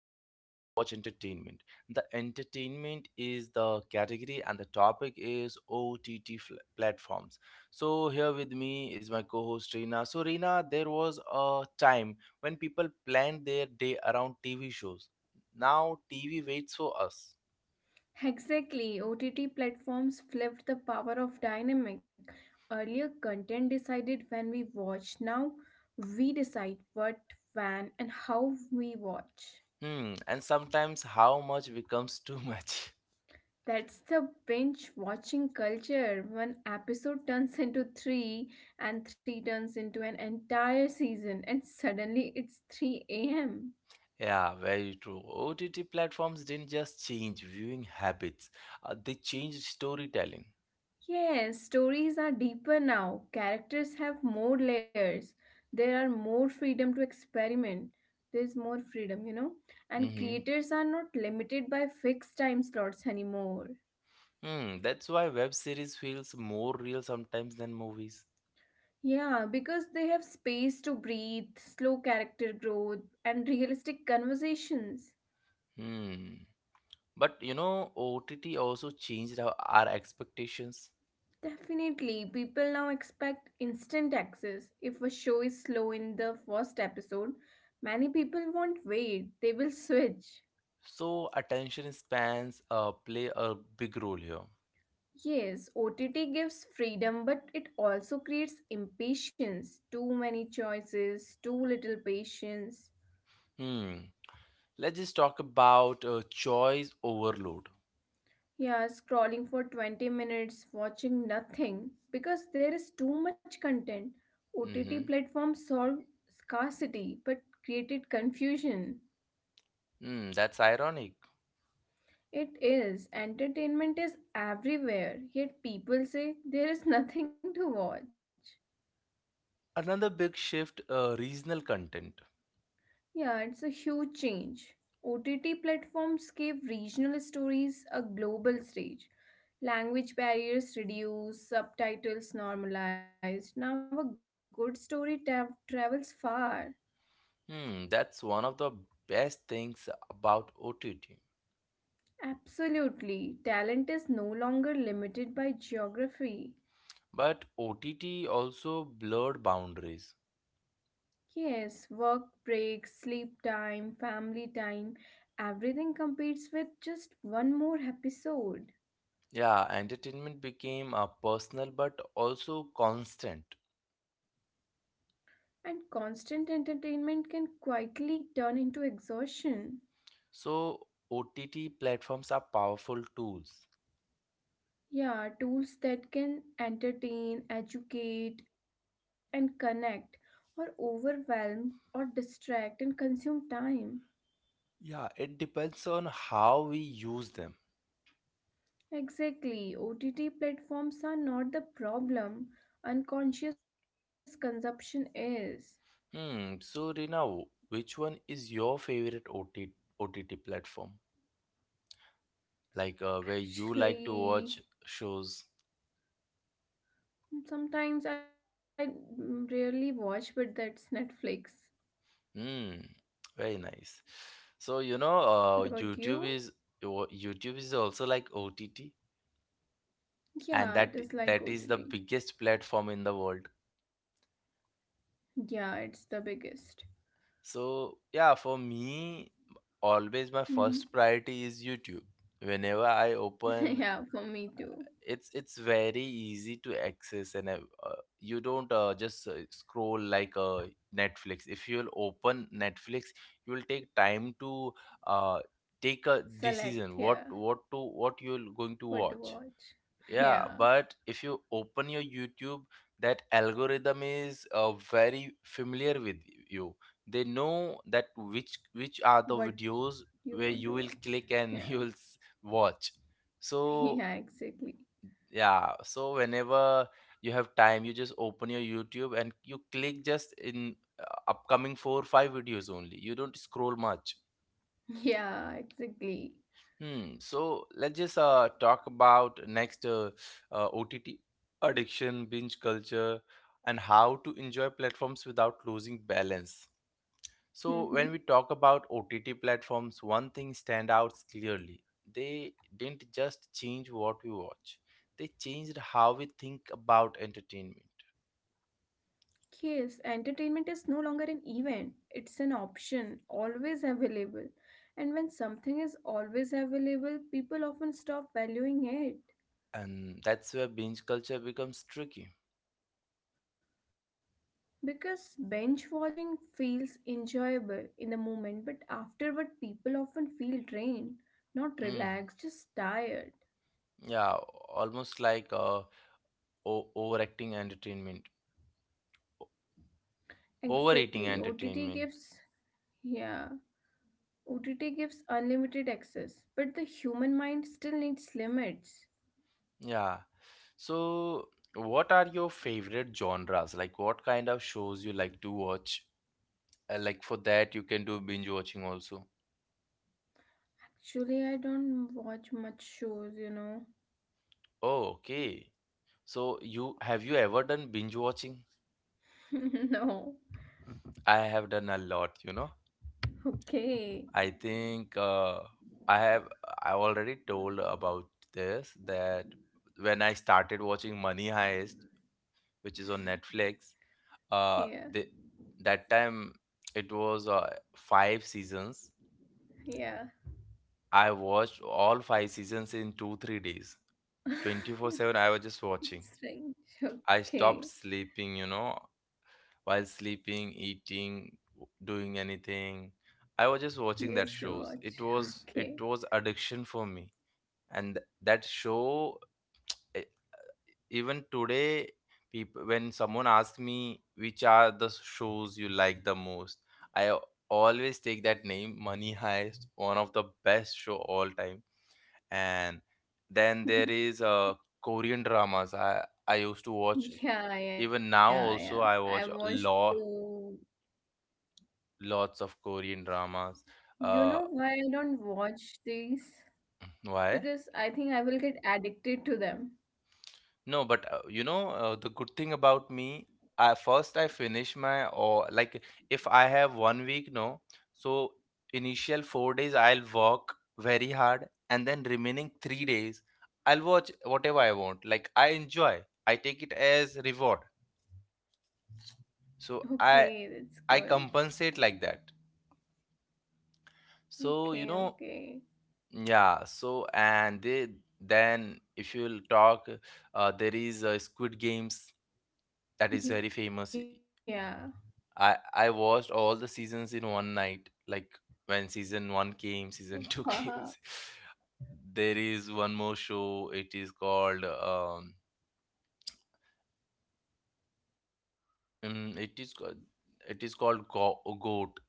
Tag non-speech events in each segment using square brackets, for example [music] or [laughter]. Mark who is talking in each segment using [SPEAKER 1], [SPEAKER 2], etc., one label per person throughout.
[SPEAKER 1] how we watch entertainment. The entertainment is the category and the topic is OTT platforms. So here with me is my co-host Reena. So Reena, there was a time when people planned their day around TV shows. Now TV waits for us.
[SPEAKER 2] Exactly, OTT platforms flipped the power of dynamic. Earlier, content decided when we watch. Now, we decide what, when, and how we watch.
[SPEAKER 1] Hmm, and sometimes how much becomes too much. [laughs]
[SPEAKER 2] That's the binge watching culture. One episode turns [laughs] into three, and three turns into an entire season, and suddenly it's 3 a.m.
[SPEAKER 1] Yeah, very true. OTT platforms didn't just change viewing habits, they changed storytelling.
[SPEAKER 2] Yes, stories are deeper now. Characters have more layers. There are more freedom to experiment. There's more freedom, you know? And
[SPEAKER 1] Mm-hmm.
[SPEAKER 2] creators are not limited by fixed time slots anymore.
[SPEAKER 1] Hmm, that's why web series feels more real sometimes than movies.
[SPEAKER 2] Yeah, because they have space to breathe, slow character growth, and realistic conversations.
[SPEAKER 1] Hmm. But you know, OTT also changed our expectations.
[SPEAKER 2] Definitely, people now expect instant access. If a show is slow in the first episode, many people won't wait, they will switch.
[SPEAKER 1] So attention spans play a big role here.
[SPEAKER 2] Yes, OTT gives freedom, but it also creates impatience. Too many choices, too little patience.
[SPEAKER 1] Hmm. Let's just talk about choice overload.
[SPEAKER 2] Yeah, scrolling for 20 minutes, watching nothing because there is too much content. OTT
[SPEAKER 1] Mm-hmm.
[SPEAKER 2] platforms solve scarcity but created confusion.
[SPEAKER 1] Hmm, that's ironic.
[SPEAKER 2] It is. Entertainment is everywhere, yet people say there is [laughs] nothing to watch.
[SPEAKER 1] Another big shift, regional content.
[SPEAKER 2] Yeah, it's a huge change. OTT platforms gave regional stories a global stage. Language barriers reduced, subtitles normalized. Now a good story travels far.
[SPEAKER 1] Hmm, that's one of the best things about OTT.
[SPEAKER 2] Absolutely. Talent is no longer limited by geography.
[SPEAKER 1] But OTT also blurred boundaries.
[SPEAKER 2] Yes, work breaks, sleep time, family time, everything competes with just one more episode.
[SPEAKER 1] Yeah, entertainment became a personal but also constant.
[SPEAKER 2] And constant entertainment can quietly turn into exhaustion.
[SPEAKER 1] So OTT platforms are powerful tools.
[SPEAKER 2] Yeah, tools that can entertain, educate, and connect, or overwhelm, or distract and consume time.
[SPEAKER 1] Yeah, it depends on how we use them.
[SPEAKER 2] Exactly, OTT platforms are not the problem, unconscious consumption is.
[SPEAKER 1] Hmm, so Rina, which one is your favorite OT OTT platform? Like, where you like
[SPEAKER 2] Actually,
[SPEAKER 1] to watch shows?
[SPEAKER 2] sometimes I rarely watch, but that's Netflix.
[SPEAKER 1] Hmm. Very nice. So you know,
[SPEAKER 2] What about you?
[SPEAKER 1] YouTube is also like OTT,
[SPEAKER 2] Yeah, it
[SPEAKER 1] and
[SPEAKER 2] is
[SPEAKER 1] that
[SPEAKER 2] like
[SPEAKER 1] that is
[SPEAKER 2] OTT.
[SPEAKER 1] the biggest platform in the world.
[SPEAKER 2] Yeah, it's the biggest.
[SPEAKER 1] So yeah, for me, always my
[SPEAKER 2] Mhm.
[SPEAKER 1] first priority is YouTube. Whenever I
[SPEAKER 2] [laughs] Yeah,
[SPEAKER 1] open,
[SPEAKER 2] for me too.
[SPEAKER 1] it's very easy to access and uh, you don't just scroll like Netflix. If you'll open Netflix, you'll take time to uh, take a
[SPEAKER 2] Select,
[SPEAKER 1] decision
[SPEAKER 2] yeah,
[SPEAKER 1] what you're going to
[SPEAKER 2] what
[SPEAKER 1] watch.
[SPEAKER 2] to watch.
[SPEAKER 1] Yeah,
[SPEAKER 2] [laughs]
[SPEAKER 1] but
[SPEAKER 2] Yeah,
[SPEAKER 1] if you open your YouTube, that algorithm is very familiar with you. They know that which are the
[SPEAKER 2] what
[SPEAKER 1] videos
[SPEAKER 2] you
[SPEAKER 1] where you
[SPEAKER 2] want to
[SPEAKER 1] will
[SPEAKER 2] watch.
[SPEAKER 1] click and [laughs] you
[SPEAKER 2] Yeah,
[SPEAKER 1] will watch. So
[SPEAKER 2] [laughs] yeah, exactly.
[SPEAKER 1] yeah, so whenever you have time, you just open your YouTube and you click just in upcoming 4 or 5 videos only. You don't scroll much.
[SPEAKER 2] Yeah, exactly.
[SPEAKER 1] Hmm, so let's just talk about next, OTT addiction, binge culture, and how to enjoy platforms without losing balance. So when we
[SPEAKER 2] Mm-hmm.
[SPEAKER 1] talk about OTT platforms, one thing stand out clearly. They didn't just change what we watch, they changed how we think about entertainment.
[SPEAKER 2] Yes, entertainment is no longer an event, it's an option, always available. And when something is always available, people often stop valuing
[SPEAKER 1] And
[SPEAKER 2] it.
[SPEAKER 1] that's where binge culture becomes tricky.
[SPEAKER 2] Because bench watching feels enjoyable in the moment, but afterward, people often feel drained,
[SPEAKER 1] Mm,
[SPEAKER 2] not relaxed, just tired.
[SPEAKER 1] yeah, almost like overacting entertainment, o- overeating
[SPEAKER 2] Exactly.
[SPEAKER 1] entertainment.
[SPEAKER 2] OTT gives, yeah, OTT gives unlimited access, but the human mind still needs limits.
[SPEAKER 1] Yeah. So what are your favorite genres? Like, what kind of shows you like to watch? Like for that, you can do binge watching also.
[SPEAKER 2] Actually, I don't watch much shows, you know.
[SPEAKER 1] Oh, okay. So you have, you ever done binge watching?
[SPEAKER 2] [laughs] No.
[SPEAKER 1] I have done a lot, you know.
[SPEAKER 2] Okay.
[SPEAKER 1] I think I have I already told about this, that when I started watching Money Heist, which is on Netflix,
[SPEAKER 2] Yeah,
[SPEAKER 1] the that time it was 5 seasons.
[SPEAKER 2] yeah.
[SPEAKER 1] I watched all 5 seasons in 2 3 days, 24/7.
[SPEAKER 2] [laughs]
[SPEAKER 1] I was just watching.
[SPEAKER 2] Strange.
[SPEAKER 1] I stopped
[SPEAKER 2] Okay.
[SPEAKER 1] sleeping, you know, while sleeping, eating, doing anything. I was just watching that
[SPEAKER 2] Used to
[SPEAKER 1] shows. It
[SPEAKER 2] watch.
[SPEAKER 1] was
[SPEAKER 2] Okay.
[SPEAKER 1] addiction for me. And that show, e- even today, people, when someone asks me which are the shows you like the most, i al- always take that name, Money Heist, one of the best show all time. And then there
[SPEAKER 2] [laughs]
[SPEAKER 1] is, Korean dramas, I used to watch.
[SPEAKER 2] Yeah,
[SPEAKER 1] Even
[SPEAKER 2] yeah,
[SPEAKER 1] now
[SPEAKER 2] yeah.
[SPEAKER 1] also
[SPEAKER 2] I
[SPEAKER 1] I watch
[SPEAKER 2] watched
[SPEAKER 1] law
[SPEAKER 2] two.
[SPEAKER 1] lots of Korean dramas.
[SPEAKER 2] You
[SPEAKER 1] uh
[SPEAKER 2] know why I don't watch these?
[SPEAKER 1] why?
[SPEAKER 2] Because I think I will get addicted to them.
[SPEAKER 1] No, but you know, the good thing about me, I finish my, or like, if I have 1 week, no, so initial 4 days I'll work very hard, and then remaining 3 days I'll watch whatever I want. Like, I enjoy, I take it as reward. So
[SPEAKER 2] Okay,
[SPEAKER 1] I
[SPEAKER 2] that's good.
[SPEAKER 1] I compensate like that. So you
[SPEAKER 2] Okay,
[SPEAKER 1] know,
[SPEAKER 2] okay.
[SPEAKER 1] yeah. So then if you'll talk, there is, Squid Games, that is very famous.
[SPEAKER 2] Yeah.
[SPEAKER 1] I watched all the seasons in one night. Like, when season one came, season [laughs] two came.
[SPEAKER 2] Wow.
[SPEAKER 1] There is one more show. It is called it is called, it is called Goat.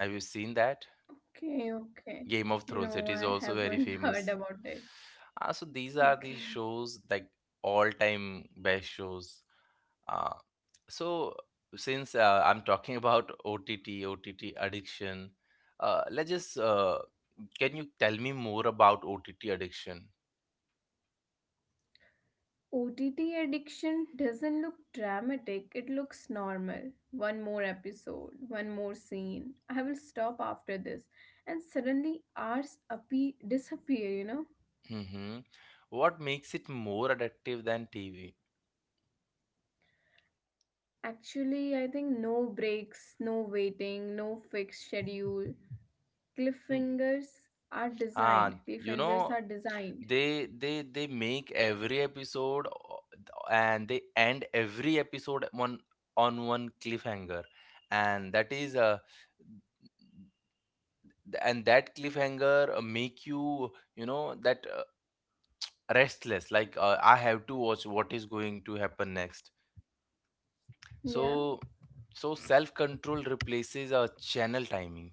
[SPEAKER 1] Have you seen that
[SPEAKER 2] Okay, okay.
[SPEAKER 1] Game of Thrones?
[SPEAKER 2] No,
[SPEAKER 1] It is
[SPEAKER 2] I
[SPEAKER 1] also very
[SPEAKER 2] haven't [laughs] heard
[SPEAKER 1] famous.
[SPEAKER 2] about it.
[SPEAKER 1] Ah, so these are the
[SPEAKER 2] Okay.
[SPEAKER 1] shows, like, all time best shows. Uh, so since, I'm talking [laughs] about OTT addiction, let's just can you tell me more about OTT addiction?
[SPEAKER 2] OTT addiction doesn't look dramatic, it looks normal. One more episode, one more scene. I will stop after this. And suddenly hours disappear, you know?
[SPEAKER 1] Hmm. What makes it more addictive than TV?
[SPEAKER 2] Actually, I think no breaks, no waiting, no fixed schedule.
[SPEAKER 1] Mm.
[SPEAKER 2] Cliffhangers are
[SPEAKER 1] Ah,
[SPEAKER 2] designed.
[SPEAKER 1] you know,
[SPEAKER 2] Cliffhangers are designed.
[SPEAKER 1] they make every episode and they end every episode on one cliffhanger. And that is, and that cliffhanger make you, you know that restless, like, I have to watch what is going to happen next. So,
[SPEAKER 2] Yeah.
[SPEAKER 1] so self control replaces a channel timing.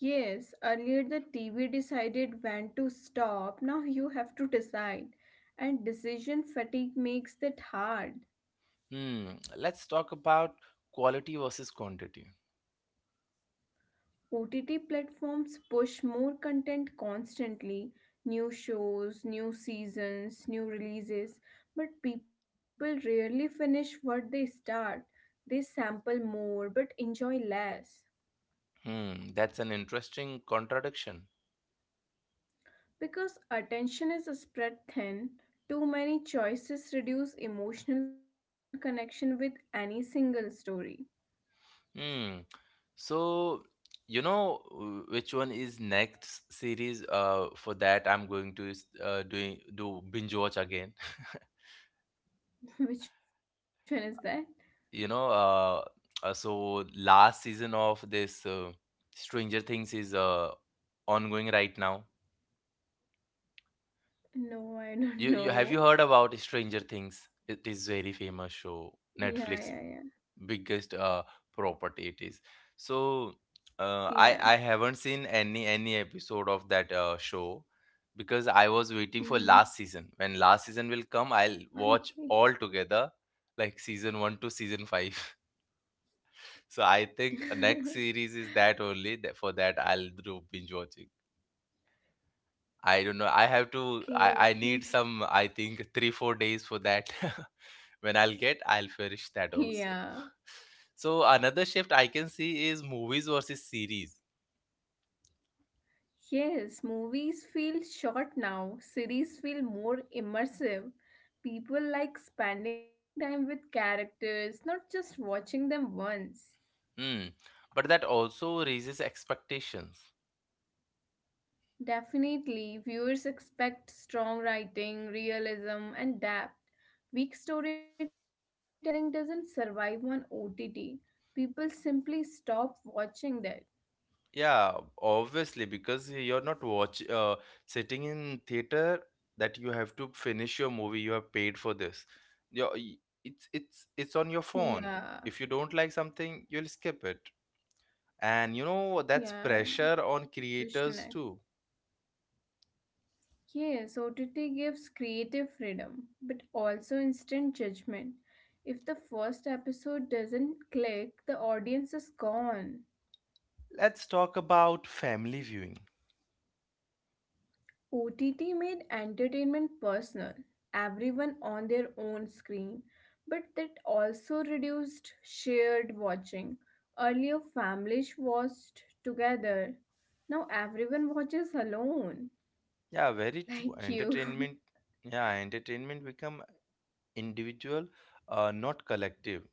[SPEAKER 2] Yes, earlier the TV decided when to stop. Now you have to decide. And decision fatigue makes that hard.
[SPEAKER 1] Hmm, let's talk about quality versus quantity.
[SPEAKER 2] OTT platforms push more content constantly, new shows, new seasons, new releases. But people rarely finish what they start. They sample more but enjoy less.
[SPEAKER 1] Hmm, that's an interesting contradiction.
[SPEAKER 2] Because attention is spread thin, too many choices reduce emotional connection with any single story.
[SPEAKER 1] Hmm, so you know, which one is next series for that I'm going to is- doing do binge watch again. [laughs]
[SPEAKER 2] [laughs] Which one is that?
[SPEAKER 1] You know, last season of this, Stranger Things is ongoing right now.
[SPEAKER 2] No, I don't
[SPEAKER 1] You have you
[SPEAKER 2] know.
[SPEAKER 1] heard about Stranger Things? It is very famous
[SPEAKER 2] Yeah,
[SPEAKER 1] show,
[SPEAKER 2] yeah,
[SPEAKER 1] Netflix biggest property it is. So, uh,
[SPEAKER 2] yeah.
[SPEAKER 1] I
[SPEAKER 2] Yeah.
[SPEAKER 1] I haven't seen any episode of that show, because I was waiting for
[SPEAKER 2] Mm-hmm.
[SPEAKER 1] last season. When last season will come, I'll watch
[SPEAKER 2] Okay.
[SPEAKER 1] all together, like season 1 to season 5. So I think
[SPEAKER 2] [laughs]
[SPEAKER 1] next series is that only. That, for that I'll do binge watching. I don't know. I have to.
[SPEAKER 2] Okay,
[SPEAKER 1] I need
[SPEAKER 2] okay.
[SPEAKER 1] some. I think 3 4 days for that. [laughs] When I'll get, I'll
[SPEAKER 2] [laughs]
[SPEAKER 1] finish that
[SPEAKER 2] Yeah.
[SPEAKER 1] also. [laughs] So another shift I can see is movies versus series.
[SPEAKER 2] Yes, movies feel short now. Series feel more immersive. People like spending time with characters, not just watching them once.
[SPEAKER 1] Hmm. But that also raises expectations.
[SPEAKER 2] Definitely, viewers expect strong writing, realism, and depth. Weak storytelling doesn't survive on OTT. People simply stop watching that.
[SPEAKER 1] Yeah, obviously, because you're not watch sitting in theater that you have to finish your movie. You have paid for this. Your y- it's on your
[SPEAKER 2] Yeah,
[SPEAKER 1] phone. If you don't like something, you'll skip it. And you know, that's
[SPEAKER 2] yeah. and
[SPEAKER 1] pressure on
[SPEAKER 2] Switch to
[SPEAKER 1] creators
[SPEAKER 2] next.
[SPEAKER 1] too.
[SPEAKER 2] Yes, OTT gives creative freedom, but also instant judgment. If the first episode doesn't click, the audience is gone.
[SPEAKER 1] Let's talk about family viewing.
[SPEAKER 2] OTT made entertainment personal, everyone on their own screen, but that also reduced shared watching. Earlier, families watched together. Now, everyone watches alone,
[SPEAKER 1] Yeah, very
[SPEAKER 2] [laughs]
[SPEAKER 1] true.
[SPEAKER 2] like you.
[SPEAKER 1] Entertainment become individual, not collective.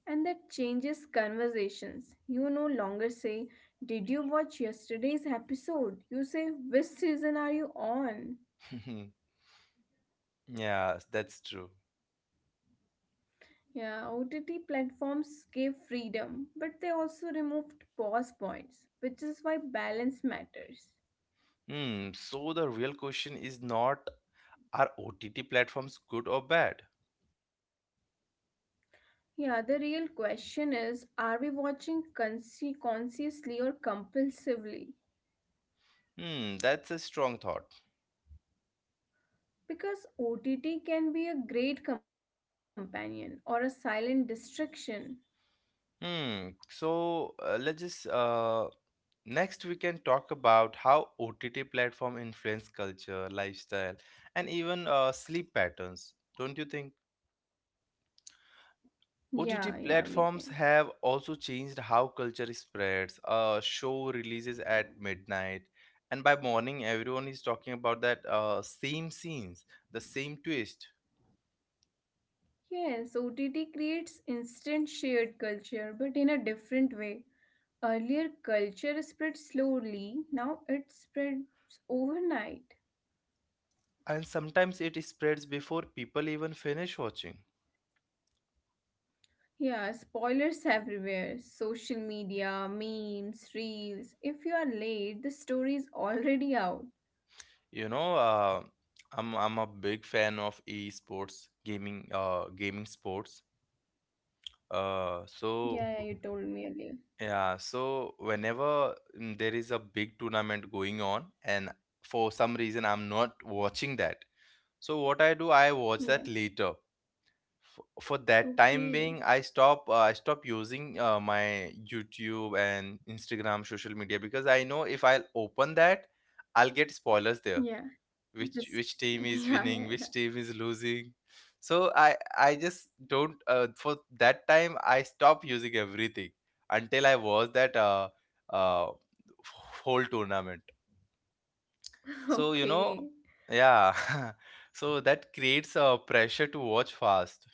[SPEAKER 2] And that changes conversations. You no longer say, "Did you watch yesterday's episode?" You say, "Which season are you on?"
[SPEAKER 1] [laughs] Yeah, that's true.
[SPEAKER 2] Yeah, OTT platforms gave freedom, but they also removed pause points, which is why balance matters.
[SPEAKER 1] Hmm, so the real question is not, are OTT platforms good or bad?
[SPEAKER 2] Yeah, the real question is are we watching consciously or compulsively?
[SPEAKER 1] Hmm, that's a strong thought.
[SPEAKER 2] Because OTT can be a great companion or a silent distraction.
[SPEAKER 1] Hmm, so let's just next we can talk about how OTT platform influence culture, lifestyle, and even sleep patterns. Don't you think?
[SPEAKER 2] Yeah, yeah, we
[SPEAKER 1] OTT
[SPEAKER 2] can.
[SPEAKER 1] platforms have also changed how culture spreads. A show releases at midnight, and by morning, everyone is talking about that, same scenes, the same twist.
[SPEAKER 2] Yes, OTT creates instant shared culture, but in a different way. Earlier, culture spread slowly, now it spreads overnight.
[SPEAKER 1] And sometimes it spreads before people even finish watching.
[SPEAKER 2] Yeah, spoilers everywhere, social media, memes, reels. If you are late, the story is already out.
[SPEAKER 1] You know, I'm a big fan of esports gaming, sports. uh
[SPEAKER 2] Yeah, yeah, you
[SPEAKER 1] so
[SPEAKER 2] told me earlier.
[SPEAKER 1] yeah, so whenever, there is a big tournament going on, and for some reason I'm not watching that, so what I do, I watch
[SPEAKER 2] Yeah,
[SPEAKER 1] that later. For that time
[SPEAKER 2] okay.
[SPEAKER 1] being, I stop using, my YouTube and Instagram social media, because I know if I'll open that, I'll get spoilers there,
[SPEAKER 2] Yeah,
[SPEAKER 1] which
[SPEAKER 2] just. [laughs]
[SPEAKER 1] team is
[SPEAKER 2] Yeah,
[SPEAKER 1] winning,
[SPEAKER 2] yeah,
[SPEAKER 1] which
[SPEAKER 2] yeah.
[SPEAKER 1] team is losing. So I just don't, for that time, I stop using everything until I watch that, uh, whole tournament.
[SPEAKER 2] [laughs]
[SPEAKER 1] So you know,
[SPEAKER 2] Okay.
[SPEAKER 1] yeah. [laughs] So that creates a pressure to watch fast.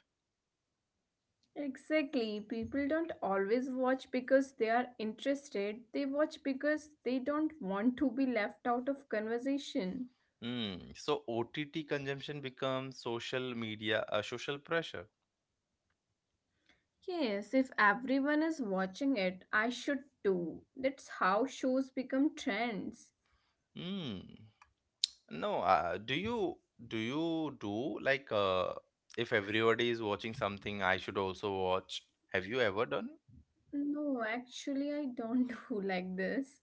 [SPEAKER 2] Exactly. People don't always watch because they are interested. They watch because they don't want to be left out of conversation.
[SPEAKER 1] Mm. So OTT consumption becomes social media, social pressure.
[SPEAKER 2] Yes, if everyone is watching it, I should too. That's how shows become trends.
[SPEAKER 1] Mm. No, do you, do you do like, if everybody is watching something, I should also watch. Have you ever done?
[SPEAKER 2] No, actually, I don't [laughs] do like this.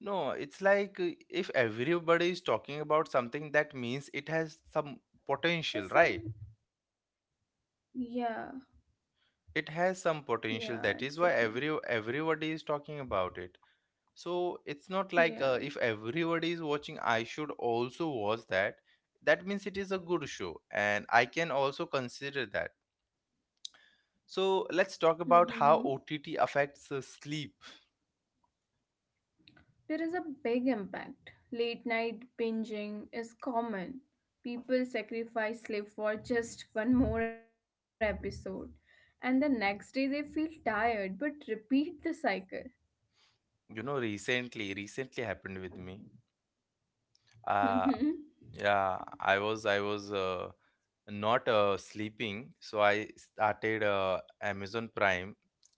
[SPEAKER 1] No, it's like, if everybody is talking about something, that means it has some potential,
[SPEAKER 2] Yes,
[SPEAKER 1] right?
[SPEAKER 2] some. Yeah,
[SPEAKER 1] It has some
[SPEAKER 2] yeah,
[SPEAKER 1] potential. That is
[SPEAKER 2] exactly.
[SPEAKER 1] why everybody is talking about it. So it's not like,
[SPEAKER 2] Yeah.
[SPEAKER 1] if everybody is watching, I should also watch that. That means it is a good show and I can also consider that. So let's talk
[SPEAKER 2] Mm-hmm.
[SPEAKER 1] about how OTT affects, sleep.
[SPEAKER 2] There is a big impact. Late night binging is common. People sacrifice sleep for just one more episode, and the next day they feel tired but repeat the cycle.
[SPEAKER 1] You know, recently happened with me. uh
[SPEAKER 2] Mm-hmm.
[SPEAKER 1] yeah I was not, sleeping, so I started, Amazon Prime,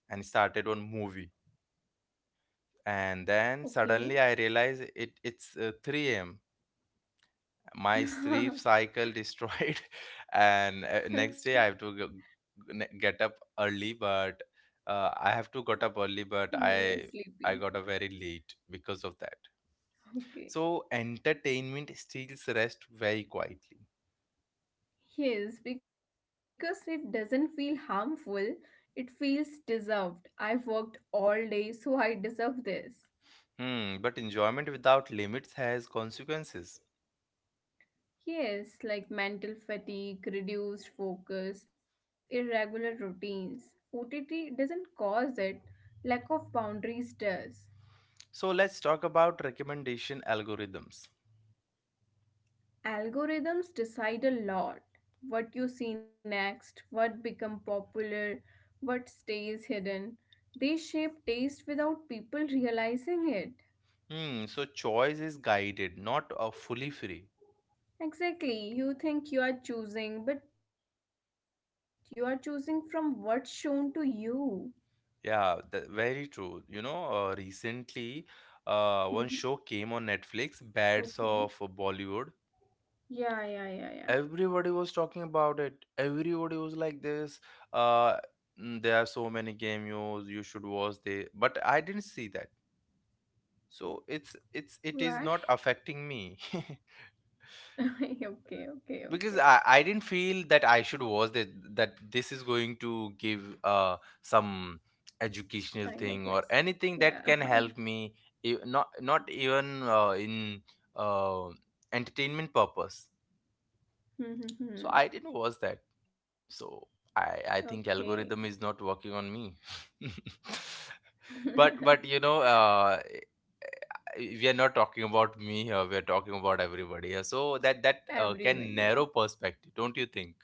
[SPEAKER 1] and started one movie. And then suddenly I
[SPEAKER 2] Okay.
[SPEAKER 1] realize it's 3 a.m. My sleep cycle
[SPEAKER 2] [laughs]
[SPEAKER 1] destroyed, [laughs] and next day I have to get up early. But I have to get up early, but
[SPEAKER 2] You
[SPEAKER 1] I
[SPEAKER 2] were
[SPEAKER 1] got up very
[SPEAKER 2] sleepy.
[SPEAKER 1] late because of that. So
[SPEAKER 2] Okay.
[SPEAKER 1] entertainment steals rest very quietly.
[SPEAKER 2] Yes, because it doesn't feel harmful, it feels deserved. I've worked all day, so I deserve this.
[SPEAKER 1] Hmm, but enjoyment without limits has consequences.
[SPEAKER 2] Yes, like mental fatigue, reduced focus, irregular routines. OTT doesn't cause it, lack of boundaries does.
[SPEAKER 1] So let's talk about recommendation algorithms.
[SPEAKER 2] Algorithms decide a lot, what you see next, what become popular, what stays hidden. They shape taste without people realizing it.
[SPEAKER 1] Hmm, so choice is guided, not fully free.
[SPEAKER 2] Exactly, you think you are choosing but you are choosing from what's shown to you.
[SPEAKER 1] Yeah, th very true. You know, recently, one show came on Netflix,
[SPEAKER 2] Mhm.
[SPEAKER 1] Bads of Bollywood.
[SPEAKER 2] Okay.
[SPEAKER 1] Everybody
[SPEAKER 2] Yeah,
[SPEAKER 1] was
[SPEAKER 2] yeah,
[SPEAKER 1] talking
[SPEAKER 2] yeah, yeah.
[SPEAKER 1] about it. Everybody was like this. Uh, there are so many cameos. You should watch this. But I didn't see that. So it's it's it is not
[SPEAKER 2] Why?
[SPEAKER 1] affecting me. [laughs]
[SPEAKER 2] [laughs] Okay,
[SPEAKER 1] Because
[SPEAKER 2] okay,
[SPEAKER 1] I,
[SPEAKER 2] okay.
[SPEAKER 1] I didn't feel that I should watch that this is going to give some educational thing
[SPEAKER 2] Kind
[SPEAKER 1] or
[SPEAKER 2] of lesson.
[SPEAKER 1] anything that can
[SPEAKER 2] Yeah.
[SPEAKER 1] help
[SPEAKER 2] [laughs]
[SPEAKER 1] me not even in uh, entertainment purpose, so
[SPEAKER 2] Hmm,
[SPEAKER 1] I
[SPEAKER 2] hmm,
[SPEAKER 1] didn't
[SPEAKER 2] hmm.
[SPEAKER 1] watch that. So I think
[SPEAKER 2] Okay.
[SPEAKER 1] algorithm is not working on me. [laughs] But
[SPEAKER 2] [laughs]
[SPEAKER 1] you know, we are not talking about me here, we are talking about everybody here, so that can
[SPEAKER 2] Everyone,
[SPEAKER 1] narrow
[SPEAKER 2] yeah.
[SPEAKER 1] perspective, don't you think?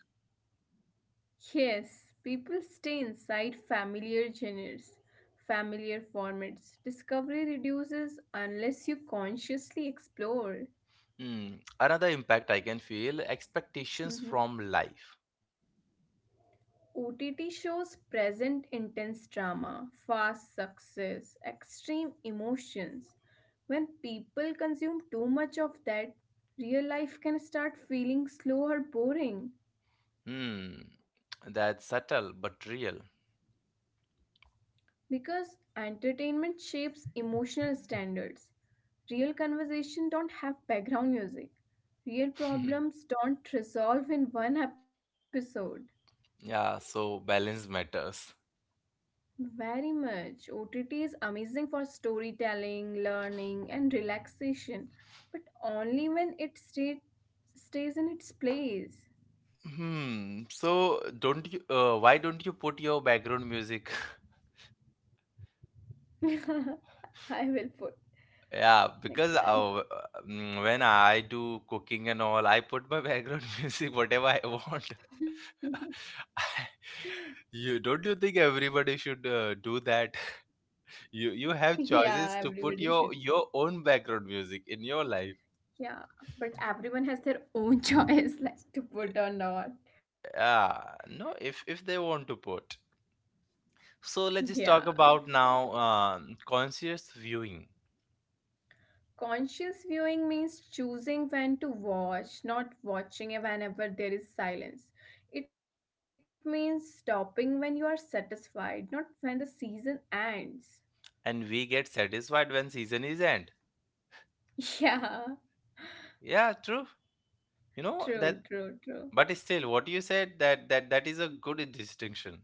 [SPEAKER 2] Yes, people stay inside familiar genres, familiar formats. Discovery reduces unless you consciously explore.
[SPEAKER 1] Hmm. Another impact I can feel: expectations from
[SPEAKER 2] Mhm.
[SPEAKER 1] life.
[SPEAKER 2] OTT shows present intense drama, fast success, extreme emotions. When people consume too much of that, real life can start feeling slow or boring
[SPEAKER 1] Hmm. That's subtle but real.
[SPEAKER 2] because entertainment shapes emotional standards. Real conversation don't have background music. Real
[SPEAKER 1] [laughs]
[SPEAKER 2] problems don't resolve in one episode.
[SPEAKER 1] Yeah, so balance matters.
[SPEAKER 2] Very much. OTT is amazing for storytelling, learning, and relaxation, but only stays in its place.
[SPEAKER 1] Hmm. So don't you? Why don't you put your background music? [laughs]
[SPEAKER 2] [laughs] I will put
[SPEAKER 1] Yeah,
[SPEAKER 2] next
[SPEAKER 1] because
[SPEAKER 2] time.
[SPEAKER 1] when I do cooking and all, I put my background [laughs] music, whatever I want.
[SPEAKER 2] [laughs]
[SPEAKER 1] [laughs] I, you don't you think everybody should do that? You have choices
[SPEAKER 2] Yeah,
[SPEAKER 1] to put
[SPEAKER 2] everybody
[SPEAKER 1] your
[SPEAKER 2] should.
[SPEAKER 1] own background music in your life.
[SPEAKER 2] Yeah, but everyone has their own [laughs] choice, like to put or not.
[SPEAKER 1] Ah, no, if they want to put. So let's just
[SPEAKER 2] Yeah,
[SPEAKER 1] talk
[SPEAKER 2] if
[SPEAKER 1] about
[SPEAKER 2] they were.
[SPEAKER 1] now, conscious viewing,
[SPEAKER 2] Conscious viewing means choosing when to watch, not watching whenever there is silence. It means stopping when you are satisfied, not when the season ends.
[SPEAKER 1] and we get satisfied when season is end.
[SPEAKER 2] [laughs] Yeah,
[SPEAKER 1] Yeah, true. You know that,
[SPEAKER 2] true,
[SPEAKER 1] but
[SPEAKER 2] true,
[SPEAKER 1] still, what you
[SPEAKER 2] true.
[SPEAKER 1] said, that is a good distinction.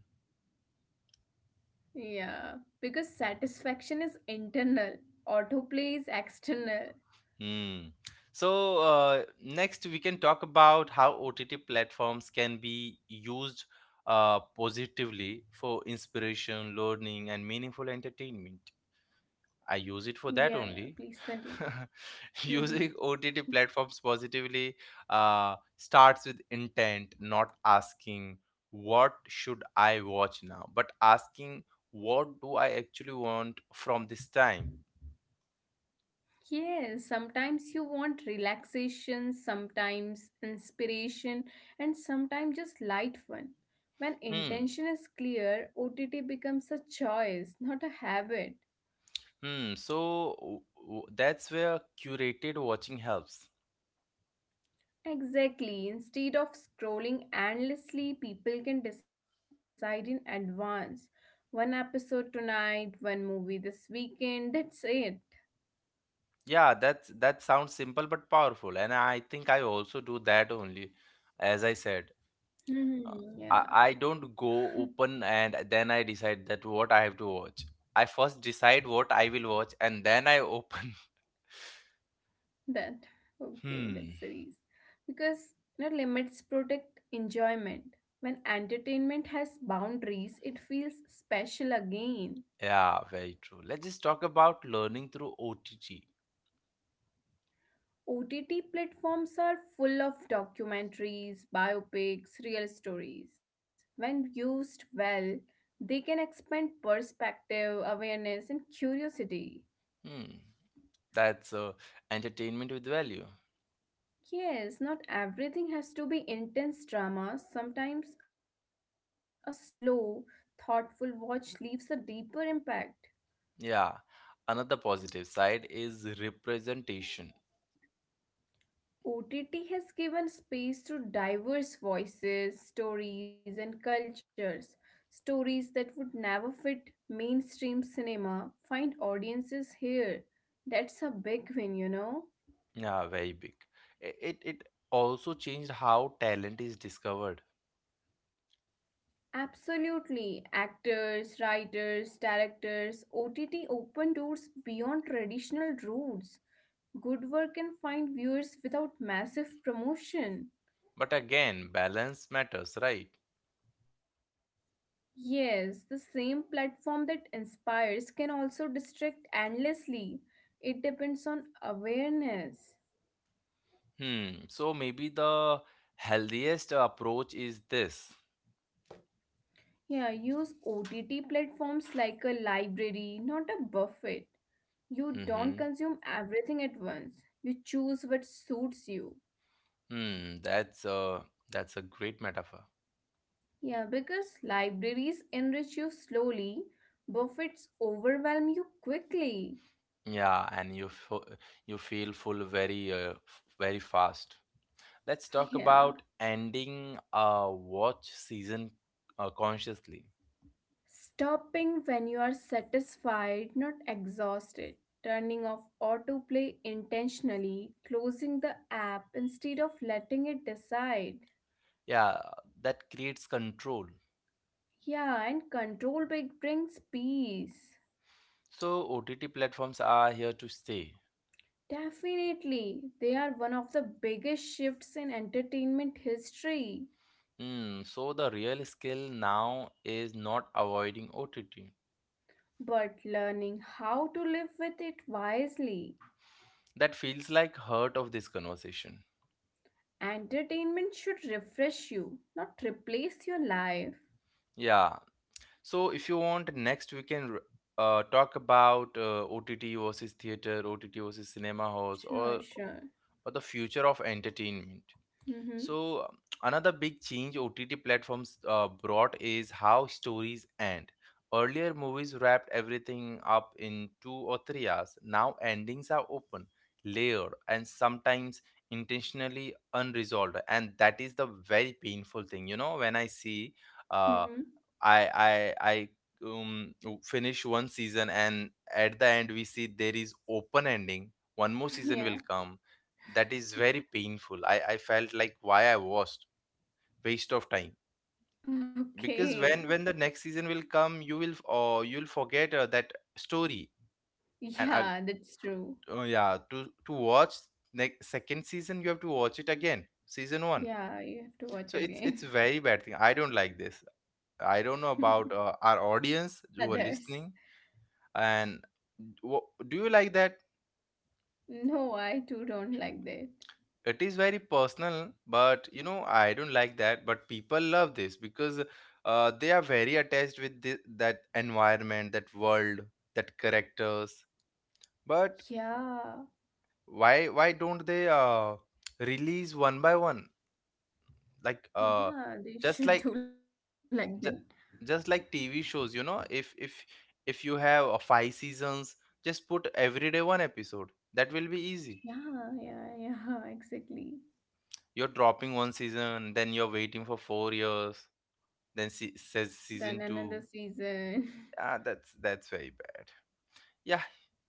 [SPEAKER 2] Yeah, because satisfaction is internal, autoplay is external.
[SPEAKER 1] Hmm. So next we can talk about how OTT platforms can be used positively, for inspiration, learning, and meaningful entertainment. I use it for that
[SPEAKER 2] Yeah, yeah,
[SPEAKER 1] only.
[SPEAKER 2] please
[SPEAKER 1] [laughs]
[SPEAKER 2] continue.
[SPEAKER 1] Using
[SPEAKER 2] [laughs]
[SPEAKER 1] OTT platforms positively starts with intent, not asking what should I watch now, but asking what do I actually want from this time.
[SPEAKER 2] Yes, sometimes you want relaxation, sometimes inspiration, and sometimes just light fun. When
[SPEAKER 1] Hmm.
[SPEAKER 2] intention is clear, OTT becomes a choice, not a habit.
[SPEAKER 1] Hmm. So that's where curated watching helps.
[SPEAKER 2] Exactly, instead of scrolling endlessly, people can decide in advance. One episode tonight, one movie this weekend, that's it.
[SPEAKER 1] Yeah, that's that sounds simple but powerful, and I think I also do that only. As I said, Uh,
[SPEAKER 2] Hmm,
[SPEAKER 1] I
[SPEAKER 2] yeah.
[SPEAKER 1] I don't go
[SPEAKER 2] [laughs]
[SPEAKER 1] open and then I decide that what I have to watch. I first decide what I will watch, and then I open. [laughs]
[SPEAKER 2] That okay,
[SPEAKER 1] Hmm.
[SPEAKER 2] That's the reason. Because you know, limits protect enjoyment. When entertainment has boundaries, it feels special again.
[SPEAKER 1] Yeah, very true. Let's just talk about learning through OTT.
[SPEAKER 2] OTT platforms are full of documentaries, biopics, real stories. When used well, they can expand perspective, awareness, and curiosity.
[SPEAKER 1] Hmm. That's entertainment with value.
[SPEAKER 2] Yes, not everything has to be intense drama. Sometimes a slow, thoughtful watch leaves a deeper impact.
[SPEAKER 1] Yeah, another positive side is representation.
[SPEAKER 2] OTT has given space to diverse voices, stories, and cultures. Stories that would never fit mainstream cinema find audiences here. That's a big win, you know?
[SPEAKER 1] Yeah, very big. It also changed how talent is discovered.
[SPEAKER 2] Absolutely. Actors, writers, directors, OTT open doors beyond traditional routes. Good work can find viewers without massive promotion.
[SPEAKER 1] But again, balance matters, right?
[SPEAKER 2] Yes, the same platform that inspires can also distract endlessly. It depends on awareness.
[SPEAKER 1] Hmm. So maybe the healthiest approach is this.
[SPEAKER 2] Yeah, use OTT platforms like a library, not a buffet. You
[SPEAKER 1] Mm-hmm.
[SPEAKER 2] don't consume everything at once. You choose what suits you.
[SPEAKER 1] Hmm. That's a great metaphor.
[SPEAKER 2] Yeah, because libraries enrich you slowly, buffets overwhelm you quickly.
[SPEAKER 1] Yeah, and you feel full very very fast. Let's
[SPEAKER 2] [laughs]
[SPEAKER 1] talk
[SPEAKER 2] Yeah.
[SPEAKER 1] about ending a watch season consciously.
[SPEAKER 2] Stopping when you are satisfied, not exhausted. Turning off autoplay intentionally. Closing the app instead of letting it decide.
[SPEAKER 1] Yeah, that creates control.
[SPEAKER 2] Yeah, and control big brings peace.
[SPEAKER 1] So OTT platforms are here to stay.
[SPEAKER 2] Definitely, they are one of the biggest shifts in entertainment history.
[SPEAKER 1] Hmm, so the real skill now is not avoiding OTT.
[SPEAKER 2] But learning how to live with it wisely.
[SPEAKER 1] That feels like heart of this conversation.
[SPEAKER 2] Entertainment should refresh you, not replace your life.
[SPEAKER 1] Yeah. So if you want, next we can talk about OTT versus theater, OTT versus cinema halls, or
[SPEAKER 2] Sure, sure.
[SPEAKER 1] the future of entertainment.
[SPEAKER 2] Mm-hmm.
[SPEAKER 1] So another big change OTT platforms brought is how stories end. Earlier, movies wrapped everything up in 2 or 3 hours. Now, endings are open, layered, and sometimes intentionally unresolved. And that is the very painful thing. You know, when I see uh,
[SPEAKER 2] Mm-hmm.
[SPEAKER 1] I I I um, finish one season, and at the end we see there is open ending. One more season will
[SPEAKER 2] Yeah.
[SPEAKER 1] come. That is very painful. I felt like why I watched, waste of time, because when
[SPEAKER 2] Okay.
[SPEAKER 1] when the next season will come, you will, or you'll forget that story. And I,
[SPEAKER 2] Yeah, that's true.
[SPEAKER 1] oh yeah, to watch next second season, you have to watch it again, season one.
[SPEAKER 2] Yeah, you have to
[SPEAKER 1] So
[SPEAKER 2] watch
[SPEAKER 1] it's
[SPEAKER 2] again.
[SPEAKER 1] very bad thing. I don't like this. I don't know
[SPEAKER 2] [laughs]
[SPEAKER 1] about our audience who are
[SPEAKER 2] Others.
[SPEAKER 1] listening. And wha- do you like that?
[SPEAKER 2] No, I too don't like that.
[SPEAKER 1] It is very personal, but you know, I don't like that, but people love this because they are very attached with this, that environment, that world, that characters, but
[SPEAKER 2] Yeah.
[SPEAKER 1] why don't they release one by one, like
[SPEAKER 2] Yeah, they
[SPEAKER 1] just
[SPEAKER 2] should
[SPEAKER 1] like
[SPEAKER 2] do like that.
[SPEAKER 1] ju- just like TV shows, you know, if if you have five seasons, just put every day one episode, that will be easy.
[SPEAKER 2] Yeah, yeah, yeah, [laughs] exactly.
[SPEAKER 1] You're dropping one season, then you're waiting for 4 years, then says
[SPEAKER 2] Then
[SPEAKER 1] season
[SPEAKER 2] another
[SPEAKER 1] two.
[SPEAKER 2] season. [laughs]
[SPEAKER 1] Ah, that's very bad. Yeah,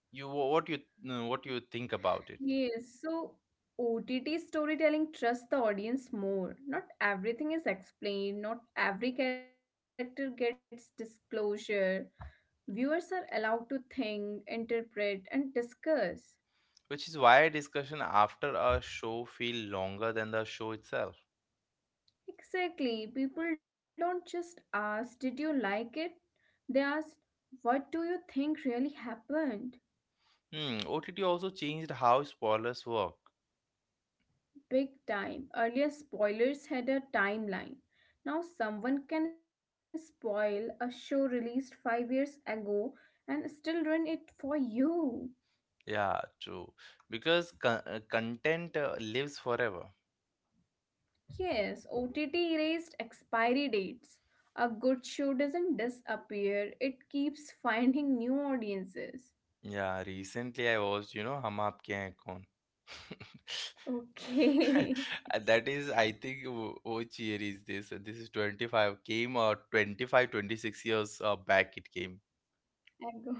[SPEAKER 1] you what you no, what you think about it?
[SPEAKER 2] Yes, so OTT storytelling trusts the audience more. Not everything is explained, not every character gets disclosure. Viewers are allowed to think, interpret, and discuss.
[SPEAKER 1] Which is why discussion after a show feel longer than the show itself.
[SPEAKER 2] Exactly. People don't just ask, "Did you like it?" They ask, "What do you think really happened?"
[SPEAKER 1] Hmm, OTT also changed how spoilers work.
[SPEAKER 2] Big time. Earlier, spoilers had a timeline. Now, someone can spoil a show released 5 years ago and still ruin it for you.
[SPEAKER 1] Yeah, true. Because content lives forever.
[SPEAKER 2] Yes, OTT erased expiry dates. A good show doesn't disappear, it keeps finding new audiences.
[SPEAKER 1] Yeah, recently I watched, you know, Hum Aapke Hain Kaun. [laughs] [laughs]
[SPEAKER 2] Okay.
[SPEAKER 1] And that is, I think, which year is this? This is 25, came, or 25 26 years back it came.
[SPEAKER 2] [laughs] I go, yeah.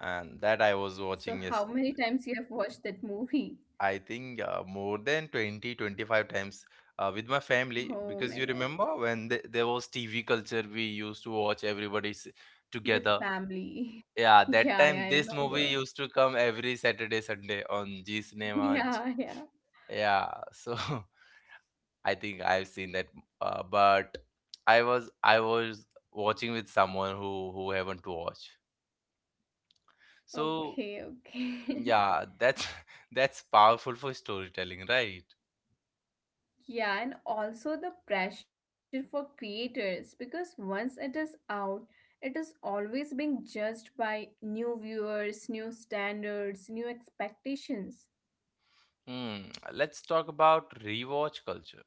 [SPEAKER 1] And that I was
[SPEAKER 2] So, how
[SPEAKER 1] watching, yes,
[SPEAKER 2] many times you have watched that movie?
[SPEAKER 1] I think more than 20 25 times with my family.
[SPEAKER 2] Oh my
[SPEAKER 1] Because you
[SPEAKER 2] god.
[SPEAKER 1] remember when th there was TV culture, we used to watch everybody's
[SPEAKER 2] With
[SPEAKER 1] together.
[SPEAKER 2] family.
[SPEAKER 1] Yeah,
[SPEAKER 2] [laughs]
[SPEAKER 1] that
[SPEAKER 2] Yeah,
[SPEAKER 1] time
[SPEAKER 2] yeah, I
[SPEAKER 1] this movie
[SPEAKER 2] remember.
[SPEAKER 1] used to come every Saturday, Sunday on G
[SPEAKER 2] [laughs]
[SPEAKER 1] Cinema.
[SPEAKER 2] Yeah, yeah.
[SPEAKER 1] Yeah, so [laughs] I think I've seen that, but I was watching with someone who haven't watched. So
[SPEAKER 2] Okay, okay. [laughs]
[SPEAKER 1] yeah, that's [laughs] that's powerful for storytelling, right?
[SPEAKER 2] Yeah, and also the pressure for creators because once it is out, it is always being judged by new viewers, new standards, new expectations.
[SPEAKER 1] Hmm. Let's talk about rewatch culture.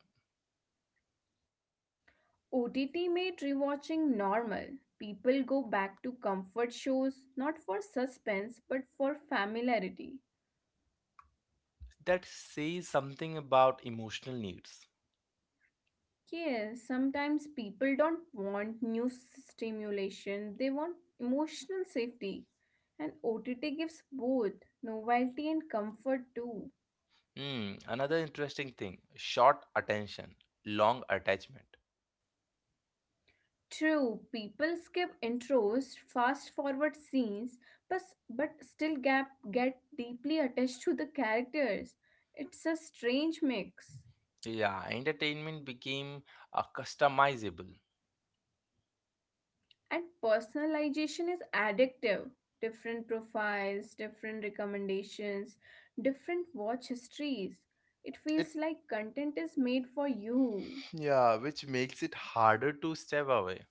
[SPEAKER 2] OTT made rewatching normal. People go back to comfort shows not for suspense but for familiarity.
[SPEAKER 1] That says something about emotional needs.
[SPEAKER 2] Yeah, sometimes people don't want new stimulation, they want emotional safety. And OTT gives both novelty and comfort too.
[SPEAKER 1] Hmm. Another interesting thing: short attention, long attachment.
[SPEAKER 2] True, people skip intros, fast forward scenes, but, but still get deeply attached to the characters. It's a strange mix.
[SPEAKER 1] Yeah, entertainment became customizable.
[SPEAKER 2] And personalization is addictive. Different profiles, different recommendations, different watch histories. It feels
[SPEAKER 1] It
[SPEAKER 2] like content is made for you.
[SPEAKER 1] Yeah, which makes it harder to step away.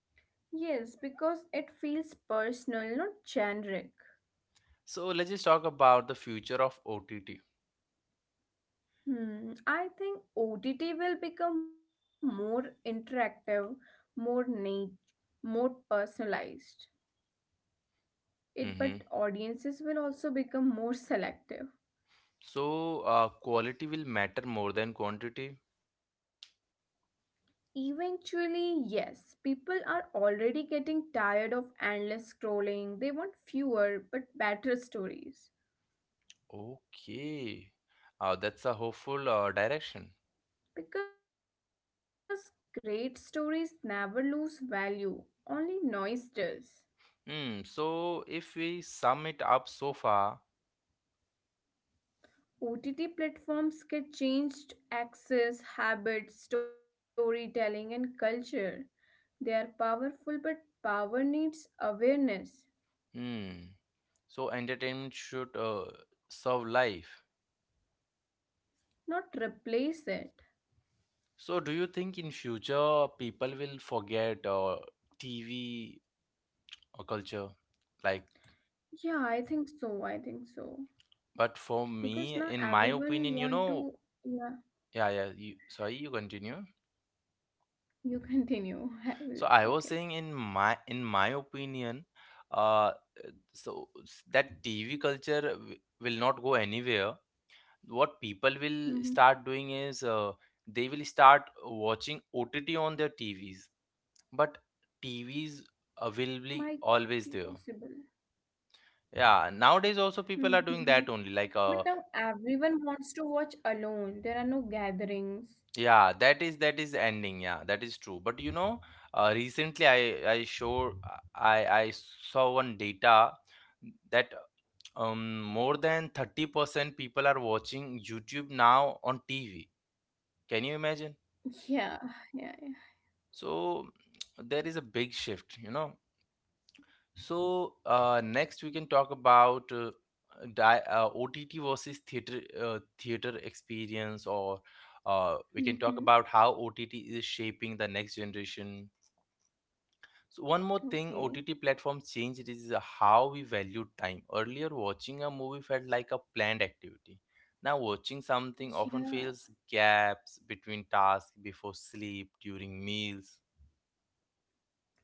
[SPEAKER 2] Yes, because it feels personal, not generic.
[SPEAKER 1] So let's just talk about the future of OTT.
[SPEAKER 2] I think OTT will become more interactive, more niche, more personalized.
[SPEAKER 1] Mm-hmm.
[SPEAKER 2] It but audiences will also become more selective.
[SPEAKER 1] So quality will matter more than quantity.
[SPEAKER 2] Eventually, yes, people are already getting tired of endless scrolling. They want fewer but better stories.
[SPEAKER 1] Okay, that's a hopeful direction.
[SPEAKER 2] Because great stories never lose value, only noise does.
[SPEAKER 1] Hmm. So if we sum it up so far,
[SPEAKER 2] OTT platforms get changed access, habits, storytelling, and culture. They are powerful, but power needs awareness,
[SPEAKER 1] hmm. so entertainment should serve life.
[SPEAKER 2] not replace it.
[SPEAKER 1] So do you think in future people will forget TV or culture? Like,
[SPEAKER 2] Yeah, I think so. I think so.
[SPEAKER 1] but for
[SPEAKER 2] Because
[SPEAKER 1] me,
[SPEAKER 2] now
[SPEAKER 1] in my
[SPEAKER 2] everyone
[SPEAKER 1] opinion, you
[SPEAKER 2] want
[SPEAKER 1] know,
[SPEAKER 2] to, yeah,
[SPEAKER 1] yeah, yeah. You, sorry, you continue.
[SPEAKER 2] you continue. [laughs] I will
[SPEAKER 1] So I
[SPEAKER 2] talk
[SPEAKER 1] was
[SPEAKER 2] later.
[SPEAKER 1] saying, in my opinion, uh, so that TV culture will not go anywhere. What people will
[SPEAKER 2] Hmm.
[SPEAKER 1] start doing is they will start watching OTT on their TVs, but TVs will
[SPEAKER 2] Might
[SPEAKER 1] be
[SPEAKER 2] be
[SPEAKER 1] always there.
[SPEAKER 2] possible.
[SPEAKER 1] Yeah, nowadays also people are doing
[SPEAKER 2] Mm-hmm.
[SPEAKER 1] that only. Like,
[SPEAKER 2] But now everyone wants to watch alone. There are no gatherings.
[SPEAKER 1] yeah, that is ending. Yeah, that is true. But you know, recently I show I saw one data, that more than 30% people are watching YouTube now on TV. Can you imagine?
[SPEAKER 2] [laughs] Yeah, yeah, yeah.
[SPEAKER 1] So [tsk] there is a big shift, you know. So next we can talk about OTT versus theater theater experience, or we can talk
[SPEAKER 2] Mm-hmm.
[SPEAKER 1] about how OTT is shaping the next generation. So one more
[SPEAKER 2] Okay.
[SPEAKER 1] thing OTT platform changed is how we value time. Earlier, watching a movie felt like a planned activity. Now, watching something often
[SPEAKER 2] Yeah.
[SPEAKER 1] fills gaps between tasks, before sleep, during meals.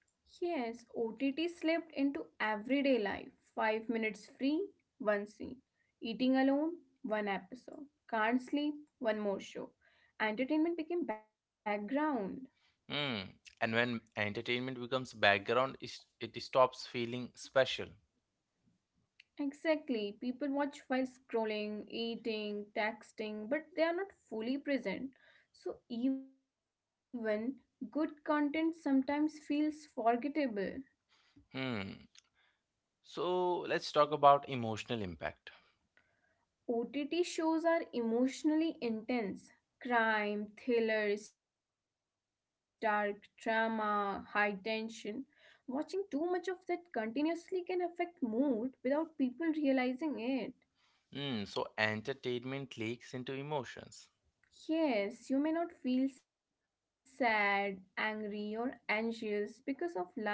[SPEAKER 2] Yes, OTT slipped into everyday life. 5 minutes free, one scene. Eating alone, one episode. Can't sleep, one more show. Entertainment became background.
[SPEAKER 1] Hmm. And when entertainment becomes background, it stops feeling special.
[SPEAKER 2] Exactly. People watch while scrolling, eating, texting, but they are not fully present. So even good content sometimes feels forgettable.
[SPEAKER 1] Hmm. So let's talk about emotional impact.
[SPEAKER 2] OTT shows are emotionally intense. Crime, thrillers, dark drama, high tension. Watching too much of that continuously can affect mood without people realizing it.
[SPEAKER 1] Hmm. So entertainment leaks into emotions.
[SPEAKER 2] Yes, you may not feel sad, angry, or anxious because of life,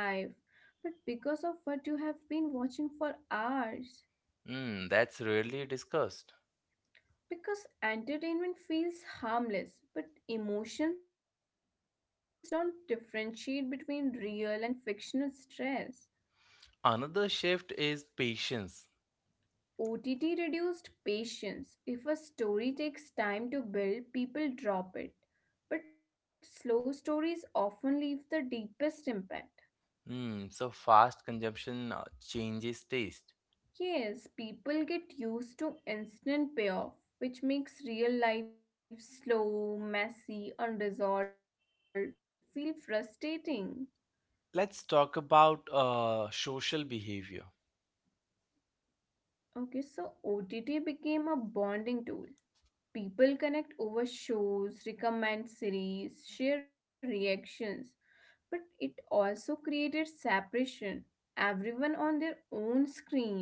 [SPEAKER 2] but because of what you have been watching for hours.
[SPEAKER 1] Hmm. That's rarely discussed.
[SPEAKER 2] Because entertainment feels harmless, but emotions don't differentiate between real and fictional stress.
[SPEAKER 1] Another shift is patience.
[SPEAKER 2] OTT reduced patience. If a story takes time to build, people drop it. But slow stories often leave the deepest impact.
[SPEAKER 1] Mm, so fast consumption changes taste.
[SPEAKER 2] Yes, people get used to instant payoff, which makes real life slow, messy, unresolved, feel frustrating.
[SPEAKER 1] Let's talk about social behavior.
[SPEAKER 2] Okay, so OTT became a bonding tool. People connect over shows, recommend series, share reactions, but it also created separation. Everyone on their own screen.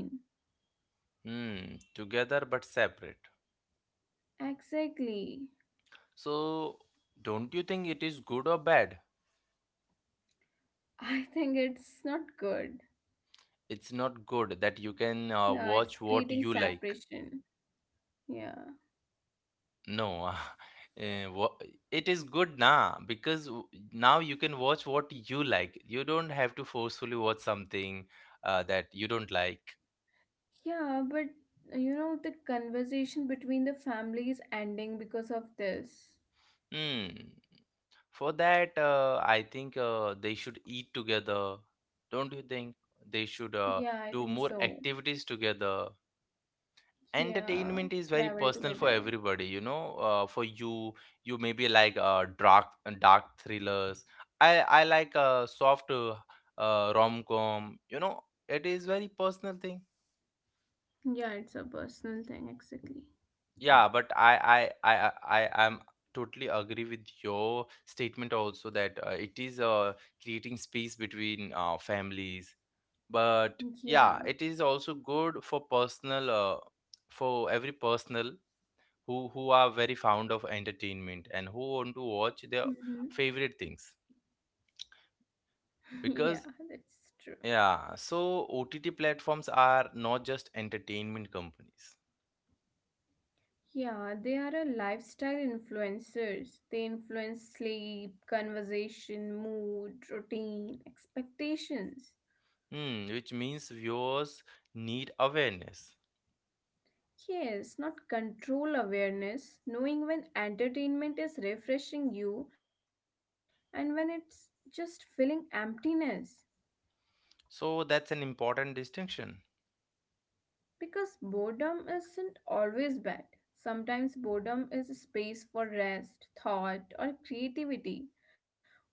[SPEAKER 1] Mm, together but separate.
[SPEAKER 2] Exactly.
[SPEAKER 1] So, don't you think it is good or bad?
[SPEAKER 2] I think it's not good.
[SPEAKER 1] It's not good that you can
[SPEAKER 2] Yeah, it's
[SPEAKER 1] watch what
[SPEAKER 2] creating
[SPEAKER 1] you like.
[SPEAKER 2] separation. Yeah.
[SPEAKER 1] No, [laughs] eh, wha- it is good now, because now you can watch what you like. You don't have to forcefully watch something that you don't like.
[SPEAKER 2] Yeah, but you know, the conversation between the family is ending because of this.
[SPEAKER 1] Hmm. For that, I think they should eat together. Don't you think? They should
[SPEAKER 2] Yeah, I think
[SPEAKER 1] do more
[SPEAKER 2] so.
[SPEAKER 1] activities together.
[SPEAKER 2] Yeah,
[SPEAKER 1] Entertainment is very
[SPEAKER 2] travel
[SPEAKER 1] personal for
[SPEAKER 2] together.
[SPEAKER 1] everybody, you know. For you, you maybe like dark thrillers. I like soft rom-com. You know, it is very personal thing.
[SPEAKER 2] Yeah, it's a personal thing, exactly.
[SPEAKER 1] Yeah, but I am totally agree with your statement also, that it is creating space between families. But yeah,
[SPEAKER 2] Yeah.
[SPEAKER 1] it is also good for personal, for every personal who are very fond of entertainment and who want to watch their
[SPEAKER 2] Hmm.
[SPEAKER 1] favorite things,
[SPEAKER 2] [laughs] Yeah, that's
[SPEAKER 1] because
[SPEAKER 2] true.
[SPEAKER 1] yeah, so OTT platforms are not just entertainment companies.
[SPEAKER 2] Yeah, they are a lifestyle influencers. They influence sleep, conversation, mood, routine, expectations.
[SPEAKER 1] Hmm, which means viewers need awareness.
[SPEAKER 2] Yes, not control awareness, knowing when entertainment is refreshing you and when it's just filling emptiness.
[SPEAKER 1] So that's an important distinction.
[SPEAKER 2] Because boredom isn't always bad. Sometimes boredom is a space for rest, thought, or creativity.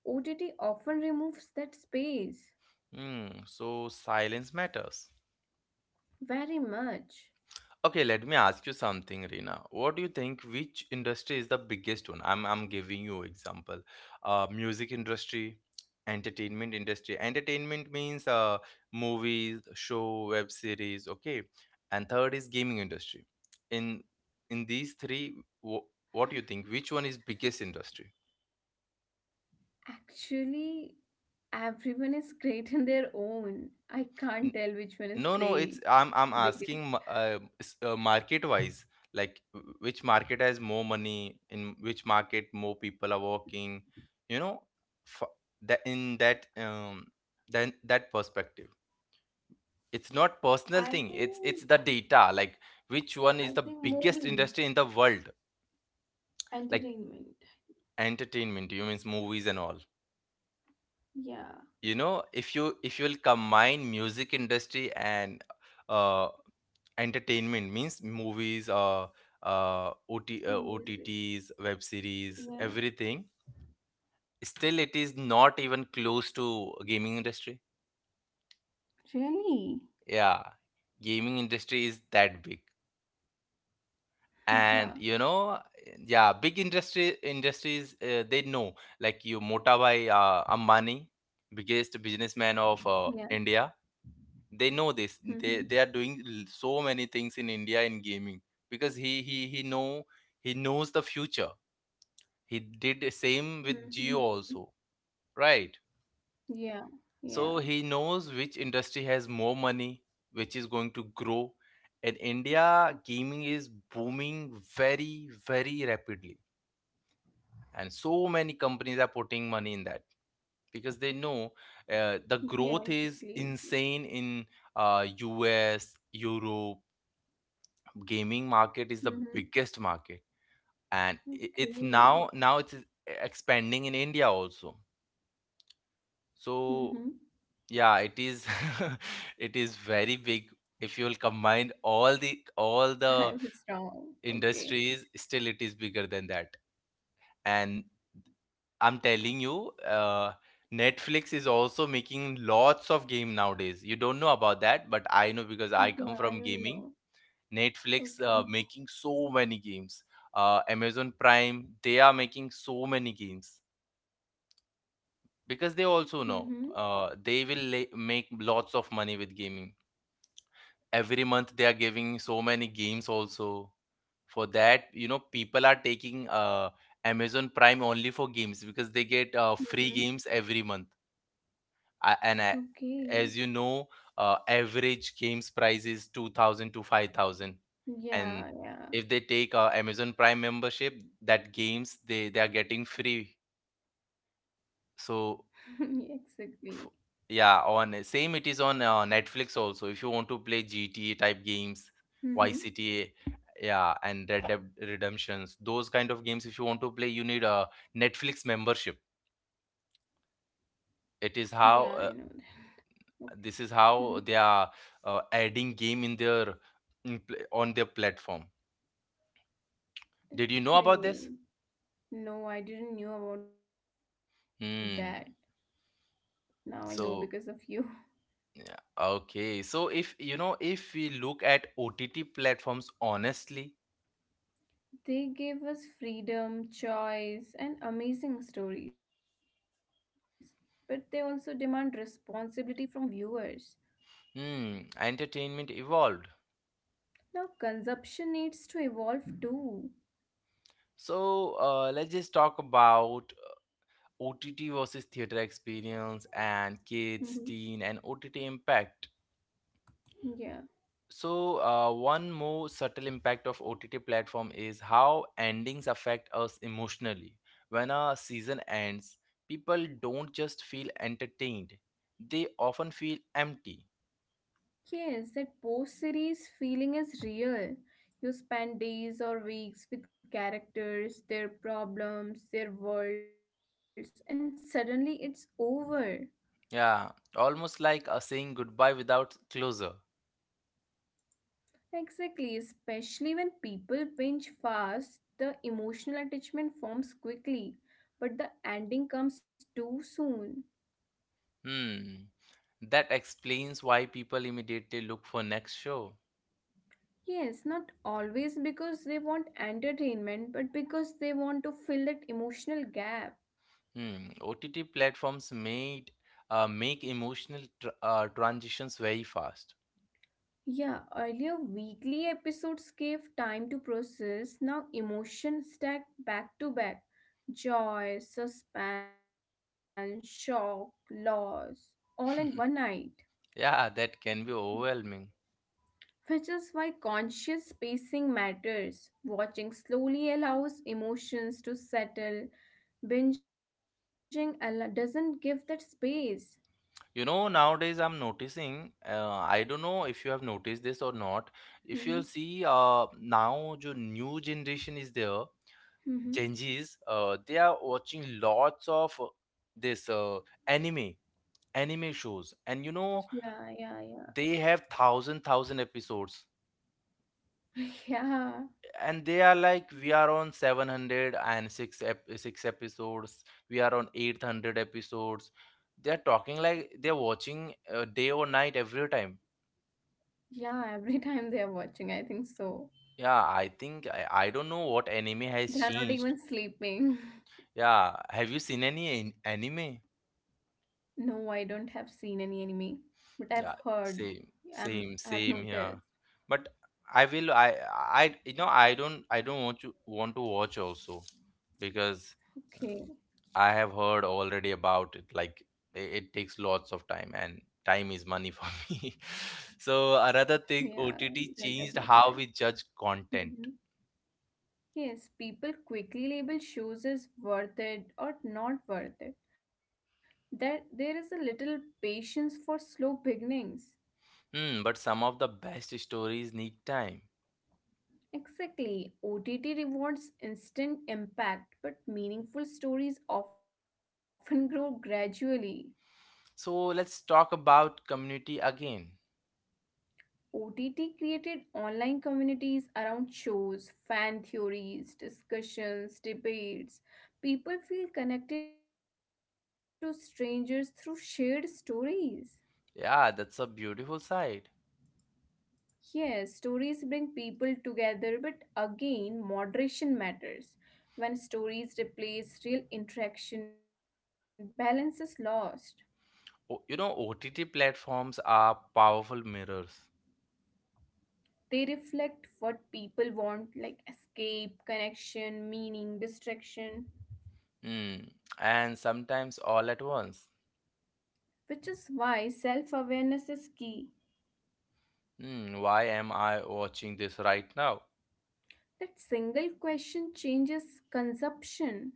[SPEAKER 2] OTT often removes that space
[SPEAKER 1] Hmm. So silence matters.
[SPEAKER 2] very much.
[SPEAKER 1] Okay, let me ask you something, Reena. What do you think? Which industry is the biggest one? I'm giving you example. Music industry. Entertainment means movies, show, web series. Okay, and third is gaming industry. In these three, what do you think? Which one is biggest industry?
[SPEAKER 2] Actually, everyone is [laughs] great in their own. I can't tell which one is great
[SPEAKER 1] No, no, it's I'm
[SPEAKER 2] because
[SPEAKER 1] I'm asking market wise, like which market has more money, in which market more people are working, you know, f that in that then that perspective. It's not
[SPEAKER 2] I
[SPEAKER 1] personal thing.
[SPEAKER 2] think
[SPEAKER 1] It's the data, like which
[SPEAKER 2] I
[SPEAKER 1] one
[SPEAKER 2] think
[SPEAKER 1] is the
[SPEAKER 2] movies,
[SPEAKER 1] biggest industry in the world, like
[SPEAKER 2] entertainment,
[SPEAKER 1] entertainment, you means movies and all.
[SPEAKER 2] yeah,
[SPEAKER 1] You know, if you if you'll combine music industry and uh entertainment means movies OT,
[SPEAKER 2] music.
[SPEAKER 1] otts, web
[SPEAKER 2] Yeah.
[SPEAKER 1] series, everything, still it is not even close to gaming industry.
[SPEAKER 2] Really?
[SPEAKER 1] Yeah, gaming industry is that big.
[SPEAKER 2] Wow.
[SPEAKER 1] And you know, yeah, big industry industries they know, like you, mota bhai, Ambani, biggest
[SPEAKER 2] Yeah.
[SPEAKER 1] businessman of India, they know
[SPEAKER 2] Mm-hmm.
[SPEAKER 1] this. They are doing so many things in India in gaming, because he know, he knows the future. He did the same
[SPEAKER 2] Mm-hmm.
[SPEAKER 1] with Geo also, right?
[SPEAKER 2] Yeah. Yeah.
[SPEAKER 1] So he knows which industry has more money, which is going to grow. In India, gaming is booming very, very rapidly, and so many companies are putting money in that because they know
[SPEAKER 2] Yeah.
[SPEAKER 1] the
[SPEAKER 2] Exactly.
[SPEAKER 1] growth is insane in US, Europe. Gaming market is
[SPEAKER 2] Mm-hmm.
[SPEAKER 1] the biggest market, and I- it's
[SPEAKER 2] Okay.
[SPEAKER 1] now now it's expanding in India also.
[SPEAKER 2] Mm-hmm.
[SPEAKER 1] So yeah, it is [laughs] it is very big. If you'll combine all the all
[SPEAKER 2] [laughs]
[SPEAKER 1] the
[SPEAKER 2] I was wrong. Okay.
[SPEAKER 1] industries, still it is bigger than that. And I'm telling you, Netflix is also making lots of game nowadays. You don't know about that, but I know
[SPEAKER 2] Yeah.
[SPEAKER 1] because
[SPEAKER 2] I
[SPEAKER 1] I come
[SPEAKER 2] don't
[SPEAKER 1] from
[SPEAKER 2] know.
[SPEAKER 1] gaming. Netflix
[SPEAKER 2] Okay.
[SPEAKER 1] making so many games. Amazon Prime, they are making so many games
[SPEAKER 2] Mm-hmm.
[SPEAKER 1] because they also know make lots of money with gaming. Every month they are giving so many games also. For that people are taking Amazon Prime only for games because they
[SPEAKER 2] Mm-hmm.
[SPEAKER 1] get free games every month. I, and I,
[SPEAKER 2] Okay.
[SPEAKER 1] as you know, average games price is 2000 to 5000,
[SPEAKER 2] Yeah.
[SPEAKER 1] and
[SPEAKER 2] Yeah.
[SPEAKER 1] if they take Amazon Prime membership, that games they are getting free.
[SPEAKER 2] [laughs]
[SPEAKER 1] So
[SPEAKER 2] Exactly.
[SPEAKER 1] F- yeah, on same it is on Netflix also. If you want to play GTA type games,
[SPEAKER 2] Mm-hmm.
[SPEAKER 1] ycta yeah, and Red Dead Redemptions, those kind of games, if you want to play you need a Netflix membership.
[SPEAKER 2] Yeah. I know
[SPEAKER 1] It
[SPEAKER 2] that.
[SPEAKER 1] is how
[SPEAKER 2] Okay.
[SPEAKER 1] This is
[SPEAKER 2] Mm-hmm.
[SPEAKER 1] how they are adding game in their on their platform.
[SPEAKER 2] That's
[SPEAKER 1] Did you know about
[SPEAKER 2] great.
[SPEAKER 1] this?
[SPEAKER 2] No, I didn't knew about that.
[SPEAKER 1] hmm
[SPEAKER 2] Now I know because of you. [laughs]
[SPEAKER 1] so yeah, okay, so if you know if we look at OTT platforms honestly.
[SPEAKER 2] They gave us freedom, choice, and amazing stories. But they also demand responsibility from viewers.
[SPEAKER 1] Hmm, entertainment evolved.
[SPEAKER 2] Now consumption needs to evolve too.
[SPEAKER 1] So let's just talk about OTT versus theater experience and
[SPEAKER 2] Mm-hmm.
[SPEAKER 1] kids, teen, and OTT impact.
[SPEAKER 2] Yeah.
[SPEAKER 1] So one more subtle impact of OTT platform is how endings affect us emotionally. When a season ends, people don't just feel entertained; they often feel empty.
[SPEAKER 2] Yes, that post series feeling is real. You spend days or weeks with characters, their problems, their worlds, and suddenly it's over.
[SPEAKER 1] Yeah, almost like a saying goodbye without closure.
[SPEAKER 2] Exactly, especially when people binge fast, the emotional attachment forms quickly, but the ending comes too soon.
[SPEAKER 1] Hmm, that explains why people immediately look for next show.
[SPEAKER 2] Yes, not always because they want entertainment, but because they want to fill that emotional gap.
[SPEAKER 1] Hmm. OTT platforms made make emotional tr transitions very fast.
[SPEAKER 2] Yeah, earlier weekly episodes gave time to process, now emotions stack back to back. Joy, suspense, shock, loss, all in one night.
[SPEAKER 1] Yeah, that can be overwhelming.
[SPEAKER 2] Which is why conscious pacing matters. Watching slowly allows emotions to settle, doesn't give that space.
[SPEAKER 1] You know, nowadays I'm noticing, I don't know if you have noticed this or not. If you'll
[SPEAKER 2] Mhm,
[SPEAKER 1] see, now the new generation is there,
[SPEAKER 2] mhm.
[SPEAKER 1] Gen Zs, they are watching lots of this anime, anime shows,
[SPEAKER 2] Yeah,
[SPEAKER 1] and
[SPEAKER 2] yeah,
[SPEAKER 1] you
[SPEAKER 2] yeah.
[SPEAKER 1] know, they have thousand episodes.
[SPEAKER 2] [laughs] Yeah,
[SPEAKER 1] And they are like, we are on six episodes, we are on 800 episodes. They are talking like they're watching day or night every time.
[SPEAKER 2] yeah, every time they are watching, I think so.
[SPEAKER 1] Yeah, I think I don't know what anime has
[SPEAKER 2] They are not
[SPEAKER 1] changed.
[SPEAKER 2] even sleeping. [laughs]
[SPEAKER 1] Yeah, have you seen any anime?
[SPEAKER 2] No, I don't have seen any anime, but I have
[SPEAKER 1] Yeah,
[SPEAKER 2] heard,
[SPEAKER 1] same, same,
[SPEAKER 2] I have
[SPEAKER 1] same here.
[SPEAKER 2] noticed.
[SPEAKER 1] But I will I I don't want to watch also because um,
[SPEAKER 2] Okay,
[SPEAKER 1] I have heard already about it, like it takes lots of time and time is money for [laughs] me. So another thing
[SPEAKER 2] yeah, you
[SPEAKER 1] OTT
[SPEAKER 2] don't have
[SPEAKER 1] changed
[SPEAKER 2] much
[SPEAKER 1] how
[SPEAKER 2] time.
[SPEAKER 1] we judge content.
[SPEAKER 2] Mm-hmm. Yes, people quickly label shows as worth it or not worth it. That there is a little patience for slow beginnings.
[SPEAKER 1] Hmm, but some of the best stories need time.
[SPEAKER 2] Exactly, OTT rewards instant impact, but meaningful stories often [laughs] grow gradually.
[SPEAKER 1] So let's talk about community again.
[SPEAKER 2] OTT created online communities around shows, fan theories, discussions, debates. People feel connected to strangers through shared stories.
[SPEAKER 1] Yeah, that's a beautiful side.
[SPEAKER 2] Yes, stories bring people together, but again, moderation matters. When stories replace real interaction, balance is lost.
[SPEAKER 1] You know, OTT platforms are powerful mirrors.
[SPEAKER 2] They reflect what people want, like escape, connection, meaning, distraction,
[SPEAKER 1] Mm, and sometimes all at once.
[SPEAKER 2] which is why self awareness is key.
[SPEAKER 1] Hmm, why am I watching this right now?
[SPEAKER 2] That single question changes consumption,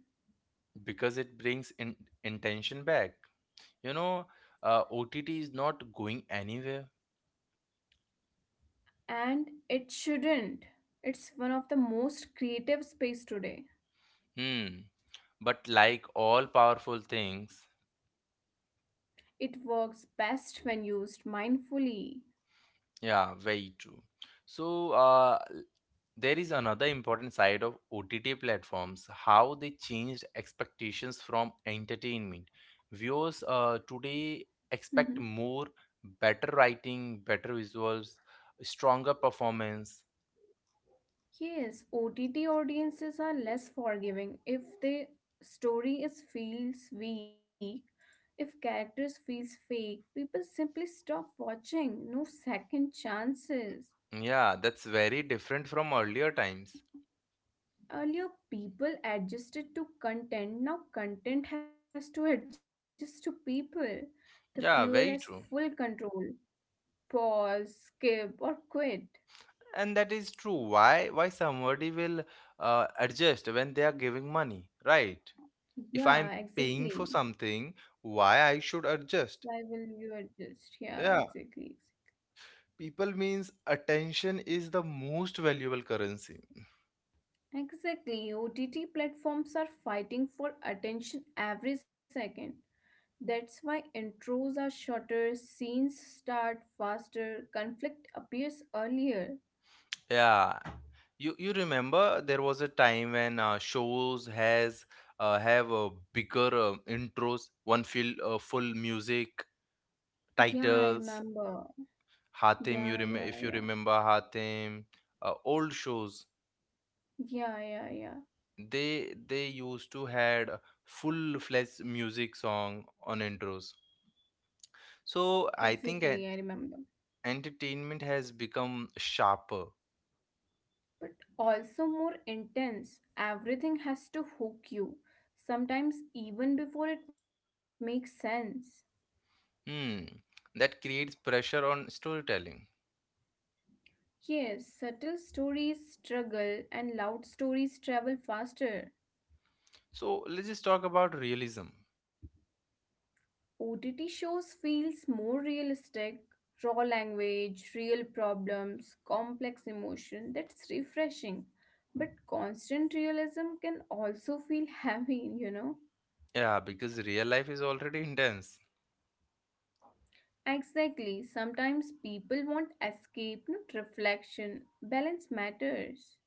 [SPEAKER 1] Because it brings intention back, you know. OTT is not going anywhere.
[SPEAKER 2] and it shouldn't. It's one of the most creative space today.
[SPEAKER 1] Hmm, but like all powerful things,
[SPEAKER 2] It works best when used mindfully.
[SPEAKER 1] yeah, very true. So uh, there is another important side of OTT platforms, how they changed expectations from entertainment. Viewers today
[SPEAKER 2] Mhm.
[SPEAKER 1] expect more, better writing, better visuals, stronger performance.
[SPEAKER 2] Yes, OTT audiences are less forgiving if the story is feels weak, if characters feels fake, people simply stop watching, no second chances.
[SPEAKER 1] Yeah, that's very different from earlier times.
[SPEAKER 2] Earlier people adjusted to content, now content has to adjust to people. The viewer has
[SPEAKER 1] Yeah, very
[SPEAKER 2] full
[SPEAKER 1] true.
[SPEAKER 2] control. Pause, skip or quit.
[SPEAKER 1] And that is true. Why somebody will adjust when they are giving money, right? If I'm
[SPEAKER 2] Yeah,
[SPEAKER 1] paying for
[SPEAKER 2] exactly.
[SPEAKER 1] something, why I should adjust?
[SPEAKER 2] Why will you adjust? Yeah,
[SPEAKER 1] Yeah.
[SPEAKER 2] exactly.
[SPEAKER 1] People means attention is the most valuable currency.
[SPEAKER 2] Exactly. OTT platforms are fighting for attention every second. That's why intros are shorter, scenes start faster, conflict appears earlier.
[SPEAKER 1] Yeah, you remember there was a time when shows has have a bigger intros, one full full music
[SPEAKER 2] Yeah, I
[SPEAKER 1] titles.
[SPEAKER 2] remember.
[SPEAKER 1] Hatim, you
[SPEAKER 2] Yeah,
[SPEAKER 1] if
[SPEAKER 2] yeah,
[SPEAKER 1] you
[SPEAKER 2] yeah.
[SPEAKER 1] remember Hatim, old shows,
[SPEAKER 2] Yeah, yeah, yeah.
[SPEAKER 1] they used to had full fledged music song on intros. So I
[SPEAKER 2] Exactly, I
[SPEAKER 1] think
[SPEAKER 2] remember.
[SPEAKER 1] at, entertainment has become sharper.
[SPEAKER 2] But also more intense. Everything has to hook you, sometimes even before it makes sense.
[SPEAKER 1] Hmm, that creates pressure on storytelling.
[SPEAKER 2] Yes, subtle stories struggle and loud stories travel faster.
[SPEAKER 1] So let's just talk about realism.
[SPEAKER 2] OTT shows feels more realistic, raw language, real problems, complex emotion. That's refreshing. But constant realism can also feel [laughs] heavy, you know?
[SPEAKER 1] Yeah, because real life is already intense.
[SPEAKER 2] Exactly. Sometimes people want escape, not reflection. Balance matters.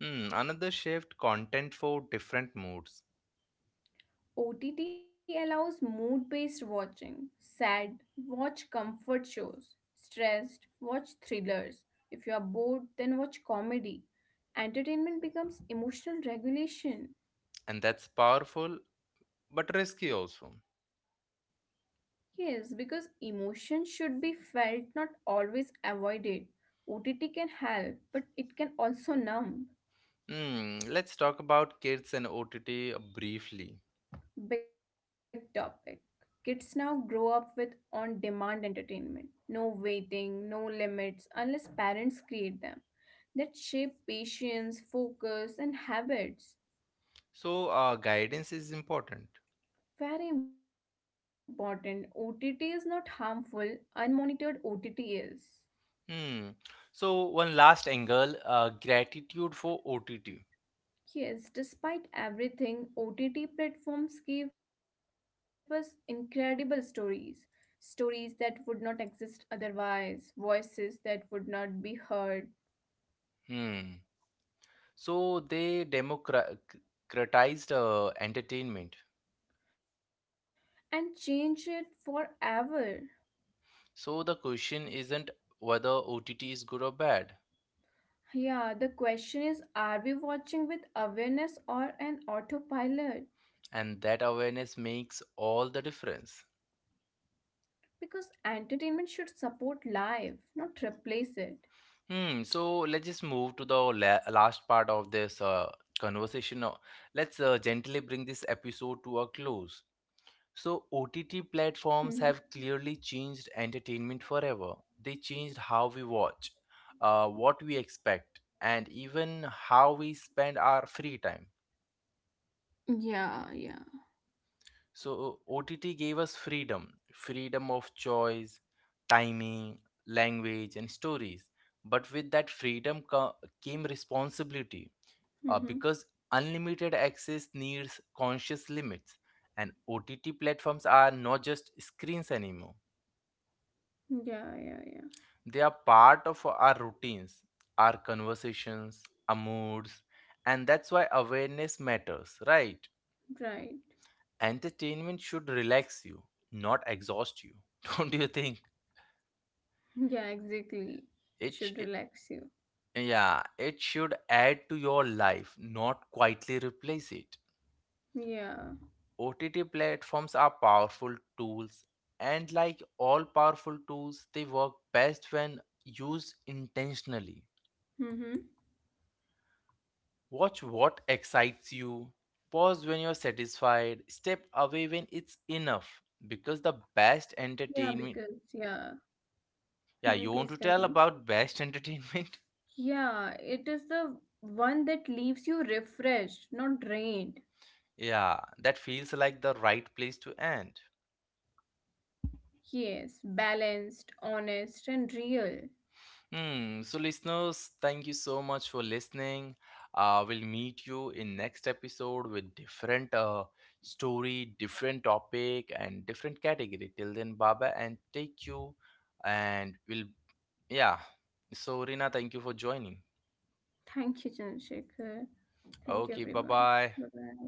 [SPEAKER 1] Hmm, another shift, content for different moods.
[SPEAKER 2] OTT allows mood based watching. Sad, watch comfort shows. Stressed, watch thrillers. If you are bored, then watch comedy. Entertainment becomes emotional regulation.
[SPEAKER 1] And that's powerful but risky also.
[SPEAKER 2] Yes, because emotion should be felt, not always avoided. OTT can help, but it can also numb.
[SPEAKER 1] Hmm, let's talk about kids and OTT briefly.
[SPEAKER 2] Big topic. Kids now grow up with on demand entertainment. No waiting, no limits, unless parents create them. That shape patience, focus, and habits.
[SPEAKER 1] So guidance is important.
[SPEAKER 2] Very important. OTT is not harmful, unmonitored OTT is.
[SPEAKER 1] Hmm. So one last angle, gratitude for OTT.
[SPEAKER 2] Yes, despite everything, OTT platforms gave us incredible stories. Stories that would not exist otherwise, voices that would not be heard,
[SPEAKER 1] Hmm. So they democratized entertainment.
[SPEAKER 2] and change it forever.
[SPEAKER 1] So the question isn't whether OTT is good or bad,
[SPEAKER 2] Yeah, the question is are we watching with awareness or an autopilot?
[SPEAKER 1] and that awareness makes all the difference.
[SPEAKER 2] Because entertainment should support life, not replace it.
[SPEAKER 1] Hmm. So let's just move to the last part of this conversation. Now, let's gently bring this episode to a close. So
[SPEAKER 2] Hmm.
[SPEAKER 1] OTT platforms have clearly changed entertainment forever. They changed how we watch, what we expect, and even how we spend our free time.
[SPEAKER 2] Yeah, yeah.
[SPEAKER 1] So OTT gave us freedom, freedom of choice, timing, language, and stories. But with that came responsibility,
[SPEAKER 2] Mm-hmm.
[SPEAKER 1] because unlimited access needs conscious limits. And OTT platforms are not just screens anymore,
[SPEAKER 2] Yeah, yeah,
[SPEAKER 1] they are part of our routines, our conversations, our moods, and that's why awareness matters, right?
[SPEAKER 2] yeah. Right.
[SPEAKER 1] Entertainment should relax you, not exhaust you. [laughs] Don't you think?
[SPEAKER 2] Yeah, exactly. It should
[SPEAKER 1] It, sh- it
[SPEAKER 2] relax you.
[SPEAKER 1] Yeah, it should add to your life, not quietly replace it.
[SPEAKER 2] Yeah.
[SPEAKER 1] OTT platforms are powerful tools, and like all powerful tools, they work best when used intentionally.
[SPEAKER 2] Mm-hmm.
[SPEAKER 1] Watch what excites you, pause when you're satisfied, step away when it's enough. Because the
[SPEAKER 2] Yeah,
[SPEAKER 1] best
[SPEAKER 2] because, yeah.
[SPEAKER 1] entertainment,
[SPEAKER 2] Mm,
[SPEAKER 1] yeah, you
[SPEAKER 2] please
[SPEAKER 1] want to
[SPEAKER 2] continue.
[SPEAKER 1] tell about best entertainment? [laughs]
[SPEAKER 2] Yeah, it is the one that leaves you refreshed, not drained.
[SPEAKER 1] Yeah, that feels like the right place to end.
[SPEAKER 2] Yes, balanced, honest, and real.
[SPEAKER 1] Hmm. So, listeners, thank you so much for listening. We'll meet you in next episode with different story, different topic, and different category. Till then, Baba and take you, and we'll yeah. So, Rina, thank you for joining.
[SPEAKER 2] Thank you, Chandrasekhar. Thank you,
[SPEAKER 1] Okay, bye
[SPEAKER 2] everyone.
[SPEAKER 1] bye.
[SPEAKER 2] Bye bye.